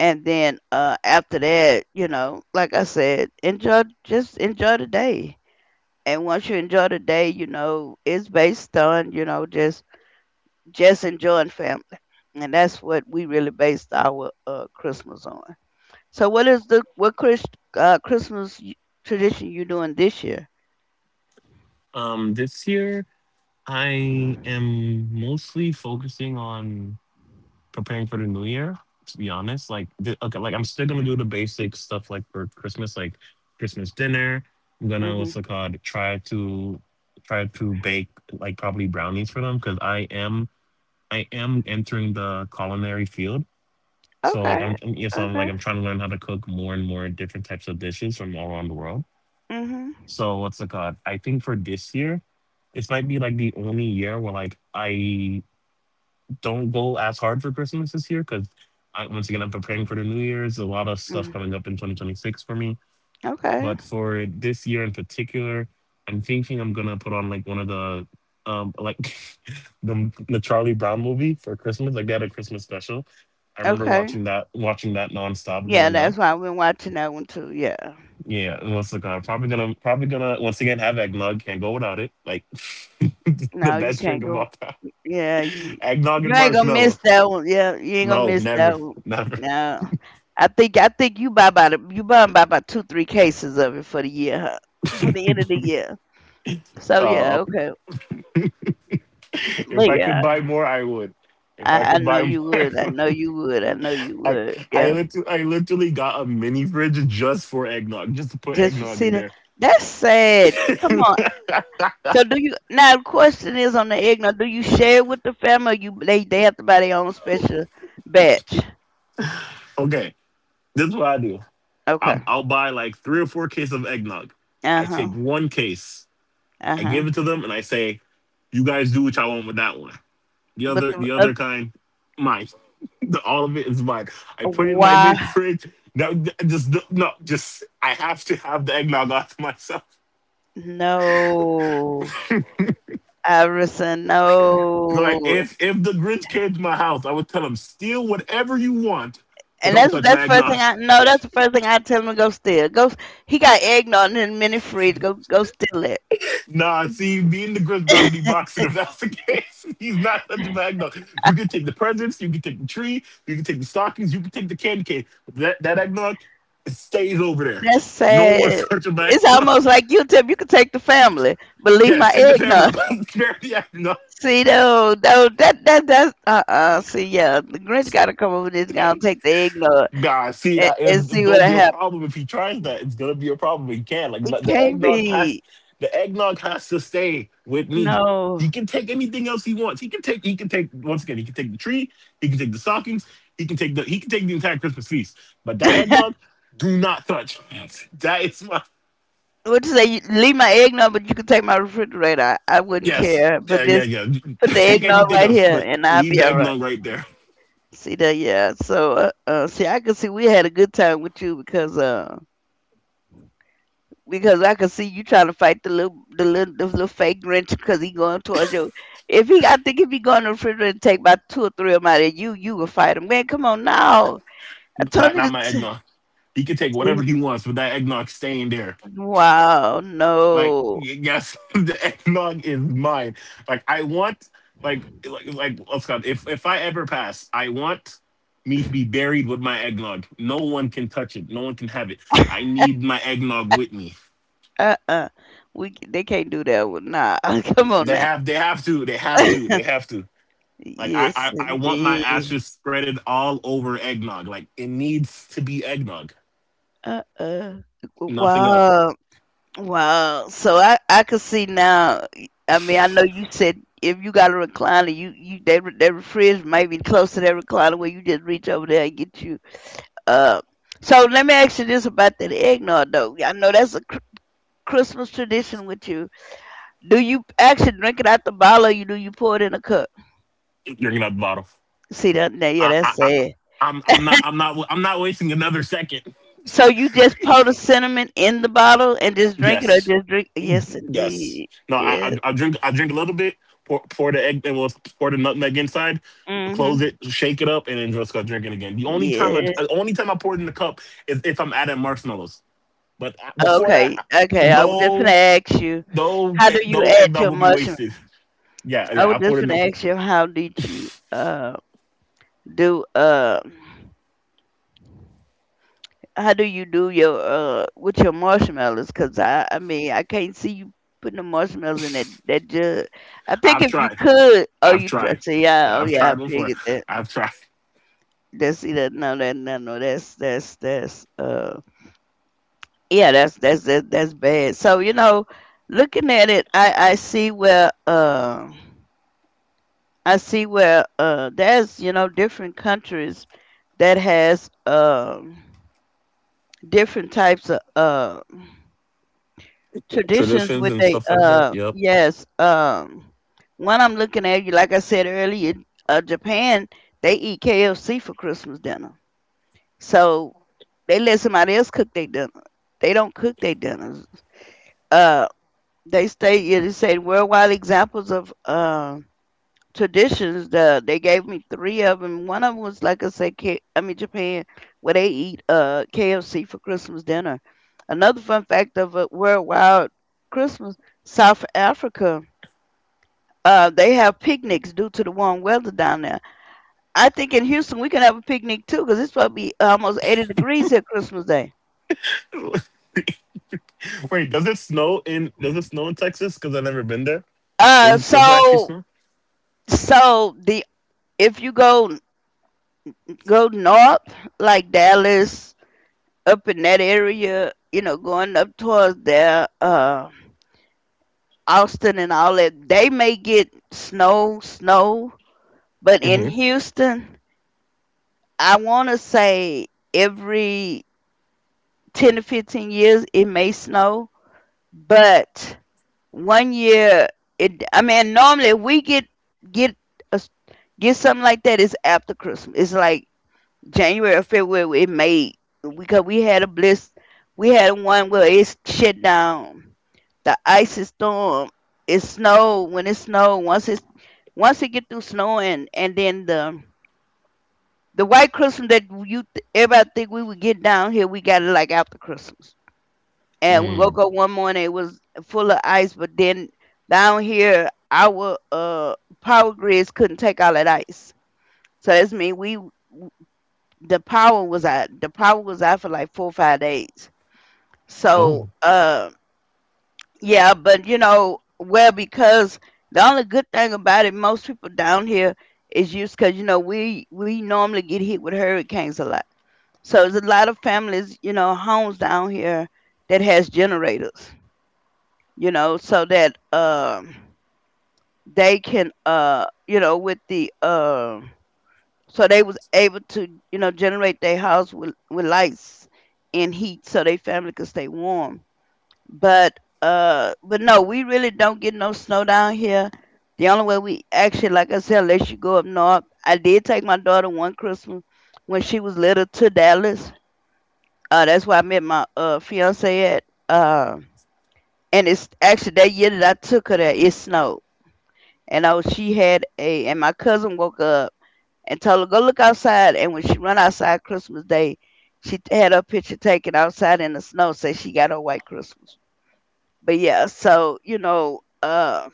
[SPEAKER 1] and then after that you know like I said enjoy just enjoy the day and once you enjoy the day you know it's based on you know just enjoying family, and that's what we really based our Christmas on. So what is the what Chris, christmas y- tradition you doing this year?
[SPEAKER 2] This year I am mostly focusing on preparing for the new year. To be honest, like okay, like I'm still gonna do the basic stuff like for Christmas, like Christmas dinner. I'm gonna what's
[SPEAKER 1] Hmm.
[SPEAKER 2] it called? Try to bake like probably brownies for them because I am entering the culinary field. So like I'm,
[SPEAKER 1] Okay.
[SPEAKER 2] I'm yeah, so I'm like
[SPEAKER 1] Okay.
[SPEAKER 2] I'm trying to learn how to cook more and more different types of dishes from all around the world.
[SPEAKER 1] Hmm.
[SPEAKER 2] So what's it called? I think for this year, this might be like the only year where like I don't go as hard for Christmas this year because once again, I'm preparing for the New Year's. A lot of stuff coming up
[SPEAKER 1] Mm-hmm.
[SPEAKER 2] in 2026 for me.
[SPEAKER 1] Okay.
[SPEAKER 2] But for this year in particular, I'm thinking I'm gonna put on like one of the like the Charlie Brown movie for Christmas. Like they had a Christmas special. I remember
[SPEAKER 1] Okay,
[SPEAKER 2] watching that nonstop
[SPEAKER 1] yeah,
[SPEAKER 2] growing
[SPEAKER 1] that's
[SPEAKER 2] up.
[SPEAKER 1] why I've been watching that one too, yeah.
[SPEAKER 2] Yeah, once again, I'm probably gonna once again have eggnog. Can't go without it. Like the
[SPEAKER 1] No, you
[SPEAKER 2] best drink
[SPEAKER 1] can't
[SPEAKER 2] of
[SPEAKER 1] go.
[SPEAKER 2] all time.
[SPEAKER 1] Yeah, you
[SPEAKER 2] Eggnog
[SPEAKER 1] you
[SPEAKER 2] and
[SPEAKER 1] ain't gonna
[SPEAKER 2] marshmallow.
[SPEAKER 1] miss that one. Yeah, you ain't gonna
[SPEAKER 2] No,
[SPEAKER 1] miss
[SPEAKER 2] never,
[SPEAKER 1] that one.
[SPEAKER 2] never.
[SPEAKER 1] No, I think you buy about 2 3 cases of it for the year, huh? For the end of the year. So yeah,
[SPEAKER 2] Uh,
[SPEAKER 1] okay,
[SPEAKER 2] if
[SPEAKER 1] but
[SPEAKER 2] I could
[SPEAKER 1] yeah,
[SPEAKER 2] buy more, I would. If I
[SPEAKER 1] I
[SPEAKER 2] could
[SPEAKER 1] know
[SPEAKER 2] buy more,
[SPEAKER 1] you
[SPEAKER 2] I,
[SPEAKER 1] would. I know
[SPEAKER 2] would.
[SPEAKER 1] you would. I know you
[SPEAKER 2] I
[SPEAKER 1] would. Yeah,
[SPEAKER 2] I literally got a mini fridge just for eggnog, just to put
[SPEAKER 1] just for
[SPEAKER 2] eggnog
[SPEAKER 1] see
[SPEAKER 2] in
[SPEAKER 1] that.
[SPEAKER 2] there.
[SPEAKER 1] That's sad. Come on. So do you now? The question is on the egg. Now, do you share it with the family? Or you they have to buy their own special batch.
[SPEAKER 2] Okay, this is what I do. I'll,
[SPEAKER 1] Okay.
[SPEAKER 2] I'll buy like three or four cases of eggnog.
[SPEAKER 1] Uh
[SPEAKER 2] I
[SPEAKER 1] huh.
[SPEAKER 2] take one case,
[SPEAKER 1] Uh
[SPEAKER 2] I
[SPEAKER 1] huh.
[SPEAKER 2] give it to them, and I say, "You guys do what y'all want with that one. The
[SPEAKER 1] But
[SPEAKER 2] other,
[SPEAKER 1] the
[SPEAKER 2] the other kind, mine. The, all of it is mine. I put it in my
[SPEAKER 1] why?
[SPEAKER 2] mini fridge. No, just no, just I have to have the eggnog off myself."
[SPEAKER 1] No, Iverson,
[SPEAKER 2] Like
[SPEAKER 1] no.
[SPEAKER 2] if the Grinch came to my house, I would tell him steal whatever you want, but
[SPEAKER 1] And
[SPEAKER 2] don't
[SPEAKER 1] that's
[SPEAKER 2] touch my
[SPEAKER 1] that's first
[SPEAKER 2] eggnog.
[SPEAKER 1] thing I no. That's the first thing I tell him to go steal. Go. S- he got eggnog in the mini fridge. Go go steal it.
[SPEAKER 2] Nah, see, being the Grinch got to be boxing if that's the case. He's not touching my eggnog. You can take the presents, you can take the tree, you can take the stockings, you can take the candy cane. That eggnog, it stays over there.
[SPEAKER 1] That's
[SPEAKER 2] No one's
[SPEAKER 1] sad.
[SPEAKER 2] touching my
[SPEAKER 1] It's
[SPEAKER 2] eggnog.
[SPEAKER 1] almost like you tip. You could take the family, but leave my
[SPEAKER 2] Yes, take the family.
[SPEAKER 1] eggnog.
[SPEAKER 2] Spare the eggnog.
[SPEAKER 1] See, though that that that's uh. See, yeah, the Grinch got to come over this guy and take the eggnog
[SPEAKER 2] Nah, see that
[SPEAKER 1] and
[SPEAKER 2] it- it's
[SPEAKER 1] see
[SPEAKER 2] gonna
[SPEAKER 1] what
[SPEAKER 2] be a
[SPEAKER 1] happens.
[SPEAKER 2] problem if he tries that. It's gonna be a problem. He can't.
[SPEAKER 1] It
[SPEAKER 2] Like, the
[SPEAKER 1] can't
[SPEAKER 2] eggnog has
[SPEAKER 1] be
[SPEAKER 2] to stay with me.
[SPEAKER 1] no.
[SPEAKER 2] He can take anything else he wants. He can take once again, he can take the tree, he can take the stockings, he can take the he can take the entire Christmas feast. But that eggnog, do not touch. That is my
[SPEAKER 1] Would you say you leave my eggnog, but you could take my refrigerator. I wouldn't
[SPEAKER 2] yes.
[SPEAKER 1] care, but
[SPEAKER 2] Yeah, yeah,
[SPEAKER 1] just
[SPEAKER 2] yeah.
[SPEAKER 1] put the
[SPEAKER 2] Take
[SPEAKER 1] eggnog
[SPEAKER 2] anything
[SPEAKER 1] right
[SPEAKER 2] else,
[SPEAKER 1] here,
[SPEAKER 2] but
[SPEAKER 1] and I'll
[SPEAKER 2] leave
[SPEAKER 1] be
[SPEAKER 2] the
[SPEAKER 1] all right.
[SPEAKER 2] eggnog right there.
[SPEAKER 1] See that? Yeah. So, see, I could see we had a good time with you because I could see you trying to fight the little fake Grinch because he going towards you. If he, I think if he go in the refrigerator and take about two or three of them out of you, you will fight him. Man, come on now. I told
[SPEAKER 2] Not
[SPEAKER 1] you
[SPEAKER 2] not my
[SPEAKER 1] to.
[SPEAKER 2] eggnog. He can take
[SPEAKER 1] See,
[SPEAKER 2] whatever he wants, but that eggnog staying there.
[SPEAKER 1] wow.
[SPEAKER 2] Like
[SPEAKER 1] No.
[SPEAKER 2] y- yes, the eggnog is mine. Like I want, like let's go. If I ever pass, I want me to be buried with my eggnog. No one can touch it. No one can have it. I need my eggnog with me.
[SPEAKER 1] Uh. uh We. C- they can't do that. Nah. Come on
[SPEAKER 2] They
[SPEAKER 1] now.
[SPEAKER 2] have to. They have to. They have to. Like I
[SPEAKER 1] Yes,
[SPEAKER 2] I, I want my
[SPEAKER 1] indeed.
[SPEAKER 2] ashes spreaded all over eggnog. Like it needs to be eggnog.
[SPEAKER 1] Uh-uh.
[SPEAKER 2] Nothing else.
[SPEAKER 1] Wow. Wow. So I could see now. I mean, I know you said if you got a recliner, that fridge might be close to that recliner where you just reach over there and get you. Uh. So let me ask you this about that eggnog though. I know that's a Christmas tradition with you. Do you actually drink it out the bottle, or you do you pour it in a cup?
[SPEAKER 2] You're gonna have the bottle.
[SPEAKER 1] See that? Now, yeah, that's
[SPEAKER 2] I
[SPEAKER 1] sad.
[SPEAKER 2] I'm not I'm not I'm not wasting another second.
[SPEAKER 1] So you just pour the cinnamon in the bottle and just drink it, or
[SPEAKER 2] Yes.
[SPEAKER 1] just drink? Yes,
[SPEAKER 2] Yes.
[SPEAKER 1] indeed.
[SPEAKER 2] No, I,
[SPEAKER 1] Yes.
[SPEAKER 2] I drink a little bit, pour, pour the egg and we'll pour the nutmeg inside, close it,
[SPEAKER 1] Mhm.
[SPEAKER 2] shake it up, and then just start drinking again. The only time I
[SPEAKER 1] Yes.
[SPEAKER 2] the only time I pour it in the cup is if I'm adding marshmallows. But I- before
[SPEAKER 1] Okay.
[SPEAKER 2] that,
[SPEAKER 1] Okay. I was just gonna
[SPEAKER 2] no,
[SPEAKER 1] ask you,
[SPEAKER 2] no,
[SPEAKER 1] how do you
[SPEAKER 2] no
[SPEAKER 1] add
[SPEAKER 2] eggnog
[SPEAKER 1] your
[SPEAKER 2] will be
[SPEAKER 1] mushroom?
[SPEAKER 2] wasted. Yeah,
[SPEAKER 1] I
[SPEAKER 2] yeah, I
[SPEAKER 1] was
[SPEAKER 2] put
[SPEAKER 1] just
[SPEAKER 2] it in
[SPEAKER 1] gonna
[SPEAKER 2] the.
[SPEAKER 1] ask you, how did you do how do you do your with your marshmallows? Cause I mean I can't see you putting the marshmallows in that jug. I think
[SPEAKER 2] I've
[SPEAKER 1] if you
[SPEAKER 2] tried.
[SPEAKER 1] could, oh
[SPEAKER 2] I've
[SPEAKER 1] you try,
[SPEAKER 2] tried.
[SPEAKER 1] see yeah oh
[SPEAKER 2] I've
[SPEAKER 1] yeah
[SPEAKER 2] tried
[SPEAKER 1] I
[SPEAKER 2] before.
[SPEAKER 1] figured that.
[SPEAKER 2] I've tried
[SPEAKER 1] That's see that no that no no that's that's yeah that's that, that's bad. So you know, looking at it, I see where there's you know different countries that has different types of traditions
[SPEAKER 2] traditions
[SPEAKER 1] with
[SPEAKER 2] and
[SPEAKER 1] they
[SPEAKER 2] stuff like that. Yep.
[SPEAKER 1] yes one I'm looking at you like I said earlier, Japan, they eat KFC for Christmas dinner. So they let somebody else cook their dinner. They don't cook their dinners. Uh, they stay. Yeah, they say worldwide examples of traditions. They gave me three of them. One of them was like I said, Japan, where they eat KFC for Christmas dinner. Another fun fact of a worldwide Christmas, South Africa. They have picnics due to the warm weather down there. I think in Houston we can have a picnic too because it's supposed to be almost 80 degrees here Christmas Day.
[SPEAKER 2] Wait, does it snow in? Does it snow in Texas? Because I've never been there.
[SPEAKER 1] Uh,
[SPEAKER 2] Does it actually
[SPEAKER 1] so
[SPEAKER 2] snow?
[SPEAKER 1] So the if you go go north, like Dallas, up in that area, you know, going up towards there, Austin and all that, they may get snow, snow. But in
[SPEAKER 2] Mm-hmm.
[SPEAKER 1] Houston, I want to say every 10 to 15 years it may snow, but 1 year it. I mean, normally we get a, s- get something like that is after Christmas. It's like January or February it made because we had one where it shut down. The icy storm. It snowed when it snowed. Once it get through snowing and then the white Christmas that everybody think we would get down here, we got it like after Christmas. And we
[SPEAKER 2] Mm.
[SPEAKER 1] woke up one morning, it was full of ice, but then down here our power grids couldn't take all that ice. So that's mean we the power was out. The power was out for like 4 or 5 days. So,
[SPEAKER 2] Oh,
[SPEAKER 1] yeah, but you know, well, because the only good thing about it, most people down here is used because you know we normally get hit with hurricanes a lot. So there's a lot of families, you know, homes down here that has generators, you know, so that they can you know with the so they was able to you know generate their house with lights and heat so their family could stay warm, but no we really don't get no snow down here. The only way we actually like I said unless you go up north. I did take my daughter one Christmas when she was little to Dallas. That's where I met my fiance at. uh and it's actually that year that I took her there it snowed. And oh she had a, and my cousin woke up and told her go look outside. And when she run outside Christmas Day, she had her picture taken outside in the snow, so she got her white Christmas. But yeah, so you know,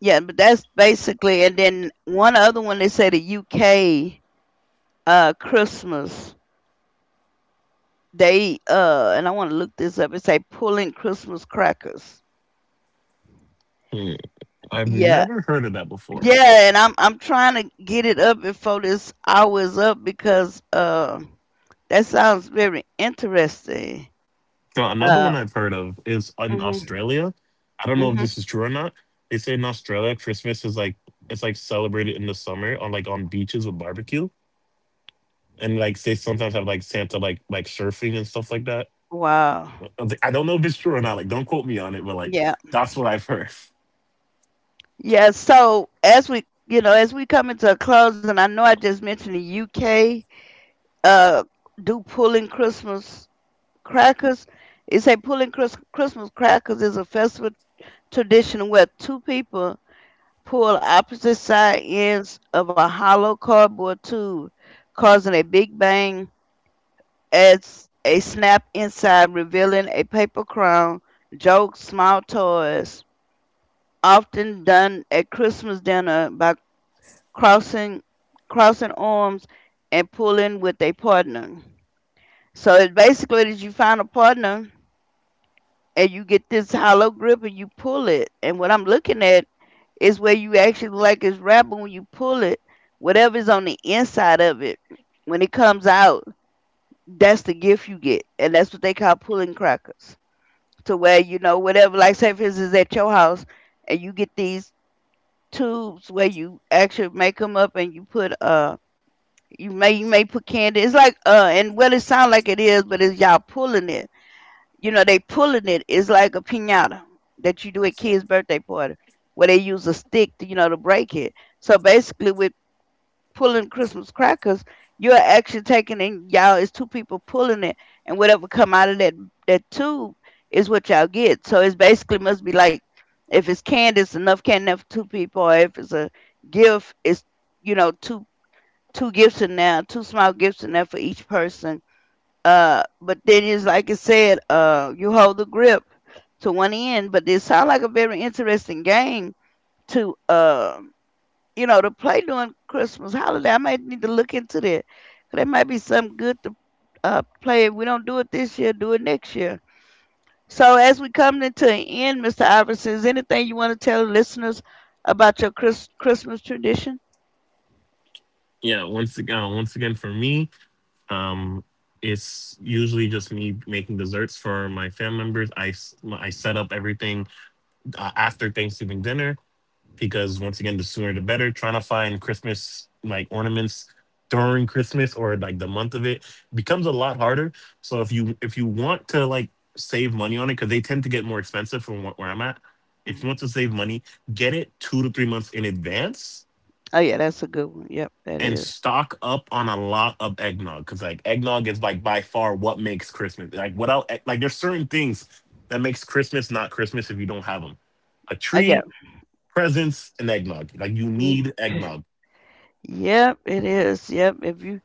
[SPEAKER 1] yeah, but that's basically. And then one other one, they say the UK Christmas, they and I want to look this up. It say pulling Christmas crackers.
[SPEAKER 2] Mm. I've
[SPEAKER 1] Yeah,
[SPEAKER 2] never heard of that before.
[SPEAKER 1] yeah, and I'm trying to get it up before this hour is up because that sounds very interesting.
[SPEAKER 2] So another one
[SPEAKER 1] Uh,
[SPEAKER 2] I've heard of is in
[SPEAKER 1] Mhm,
[SPEAKER 2] Australia. I don't know if
[SPEAKER 1] mhm.
[SPEAKER 2] this is true or not. They say in Australia, Christmas is like it's like celebrated in the summer on like on beaches with barbecue, and like they sometimes have like Santa like surfing and stuff like that.
[SPEAKER 1] Wow.
[SPEAKER 2] I was like, I don't know if it's true or not. Like, don't quote me on it, but like
[SPEAKER 1] Yeah.
[SPEAKER 2] that's what I've heard.
[SPEAKER 1] Yeah, so as we, you know, as we come into a close and I know I just mentioned the U.K., uh, do pulling Christmas crackers. It say pulling Christmas crackers is a festival tradition where two people pull opposite side ends of a hollow cardboard tube, causing a big bang as a snap inside, revealing a paper crown, jokes, small toys, often done at Christmas dinner by crossing crossing arms and pulling with a partner. So it basically is you find a partner and you get this hollow grip and you pull it. And what I'm looking at is where you actually look like it's wrapped, but when you pull it, whatever's on the inside of it, when it comes out, that's the gift you get. And that's what they call pulling crackers. To where, you know, whatever, like say for instance at your house and you get these tubes where you actually make them up and you put you may put candy. It's like and what it sounds like it is, but it's y'all pulling it. You know they pulling it. It's like a pinata that you do at kids' birthday party where they use a stick to, you know, to break it. So basically with pulling Christmas crackers, you're actually taking and y'all, it's two people pulling it, and whatever come out of that tube is what y'all get. So it's basically must be like if it's candy, it's enough candy for two people, or if it's a gift, it's, you know, two gifts in there, two small gifts in there for each person. But then it's like I said, you hold the grip to one end, but it sounds like a very interesting game to you know, to play during Christmas holiday. I might need to look into that. There might be something good to play. If we don't do it this year, do it next year. So as we come into an end, Mr. Iverson, is anything you want to tell the listeners about your Christmas tradition?
[SPEAKER 2] Yeah, once again, for me. Um, it's usually just me making desserts for my family members. I set up everything after Thanksgiving dinner because once again, the sooner the better. Trying to find Christmas like ornaments during Christmas or like the month of it becomes a lot harder. So if you want to like save money on it because they tend to get more expensive from wh- where I'm at. If
[SPEAKER 1] Mhm.
[SPEAKER 2] you want to save money, get it 2 to 3 months in advance
[SPEAKER 1] Oh yeah, that's a good one. Yep, that
[SPEAKER 2] and
[SPEAKER 1] is.
[SPEAKER 2] stock up on a lot of eggnog because like eggnog is like by far what makes Christmas. Like without egg- like there's certain things that makes Christmas not Christmas if you don't have them. A
[SPEAKER 1] Oh yeah.
[SPEAKER 2] tree, presents, and eggnog. Like you
[SPEAKER 1] Mm.
[SPEAKER 2] need eggnog.
[SPEAKER 1] Yep, it is. Yep. If you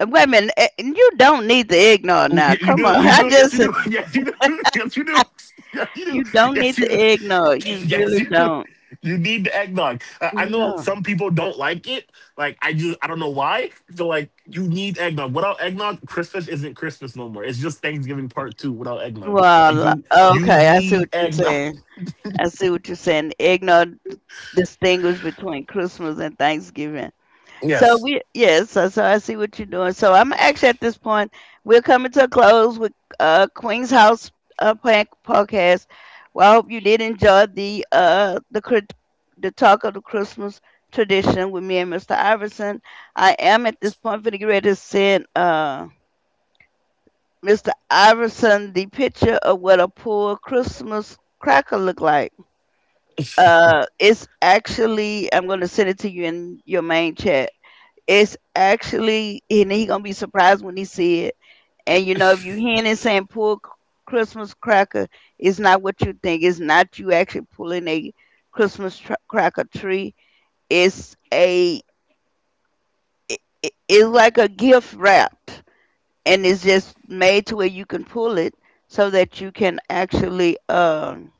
[SPEAKER 1] wait a minute, eh, and you don't need the eggnog now.
[SPEAKER 2] You,
[SPEAKER 1] Come on,
[SPEAKER 2] you
[SPEAKER 1] I
[SPEAKER 2] do, yes you
[SPEAKER 1] just
[SPEAKER 2] do, yes you do, yes you do, yes you do,
[SPEAKER 1] you don't need
[SPEAKER 2] yes you
[SPEAKER 1] the
[SPEAKER 2] do,
[SPEAKER 1] eggnog. You
[SPEAKER 2] yes,
[SPEAKER 1] really
[SPEAKER 2] you do.
[SPEAKER 1] don't.
[SPEAKER 2] You need the eggnog. I know
[SPEAKER 1] No.
[SPEAKER 2] some people don't like it. Like I just, I don't know why. They're like, you need eggnog. Without eggnog, Christmas isn't Christmas no more. It's just Thanksgiving part two without eggnog. Like
[SPEAKER 1] Well,
[SPEAKER 2] you
[SPEAKER 1] okay, I see
[SPEAKER 2] need
[SPEAKER 1] what you're
[SPEAKER 2] eggnog.
[SPEAKER 1] saying. I see what you're saying. Eggnog distinguishes between Christmas and Thanksgiving. So
[SPEAKER 2] Yes.
[SPEAKER 1] we yes, so I see what you're doing. So I'm actually at this point we're coming to a close with Queen's House podcast. Well, I hope you did enjoy the the talk of the Christmas tradition with me and Mr. Iverson. I am at this point finna get ready to send Mr. Iverson the picture of what a poor Christmas cracker look like. It's actually I'm gonna send it to you in your main chat. It's actually, and he gonna be surprised when he see it. And you know, if you hearing it saying Christmas cracker, it's not what you think. It's not you actually pulling a cracker tree. It's a, it's like a gift wrapped, and it's just made to where you can pull it so that you can actually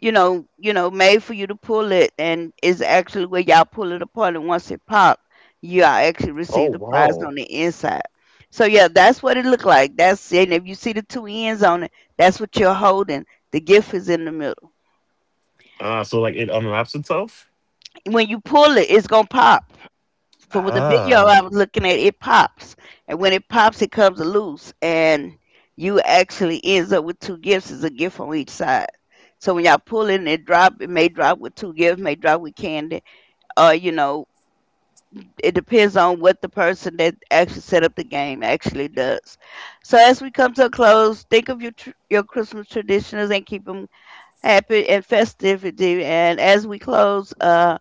[SPEAKER 1] you know, made for you to pull it, and it's actually where y'all pull it apart, and once it pop, you all actually
[SPEAKER 2] Oh
[SPEAKER 1] receive the prize on
[SPEAKER 2] wow.
[SPEAKER 1] the inside. So yeah, that's what it looked like. That's it. And if you see the two ends on it, that's what you're holding. The gift is in the middle.
[SPEAKER 2] So like it unwraps itself.
[SPEAKER 1] When you pull it, it's gonna pop. For with the video
[SPEAKER 2] Ah.
[SPEAKER 1] I was looking at, it pops, and when it pops, it comes loose, and you actually ends up with two gifts. It's a gift on each side. So when y'all pull it and it drop, it may drop with two gifts, may drop with candy, you know, it depends on what the person that actually set up the game actually does. So as we come to a close, think of your your Christmas traditions and keep them happy and festivity. And as we close,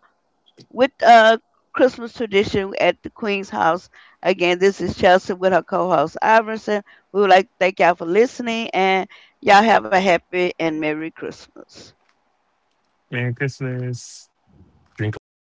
[SPEAKER 1] with Christmas tradition at the Queen's House. Again, this is Chelsea with her co-host Iverson. We would like to thank y'all for listening, and y'all have a happy and merry Christmas.
[SPEAKER 2] Merry Christmas. Drink lots.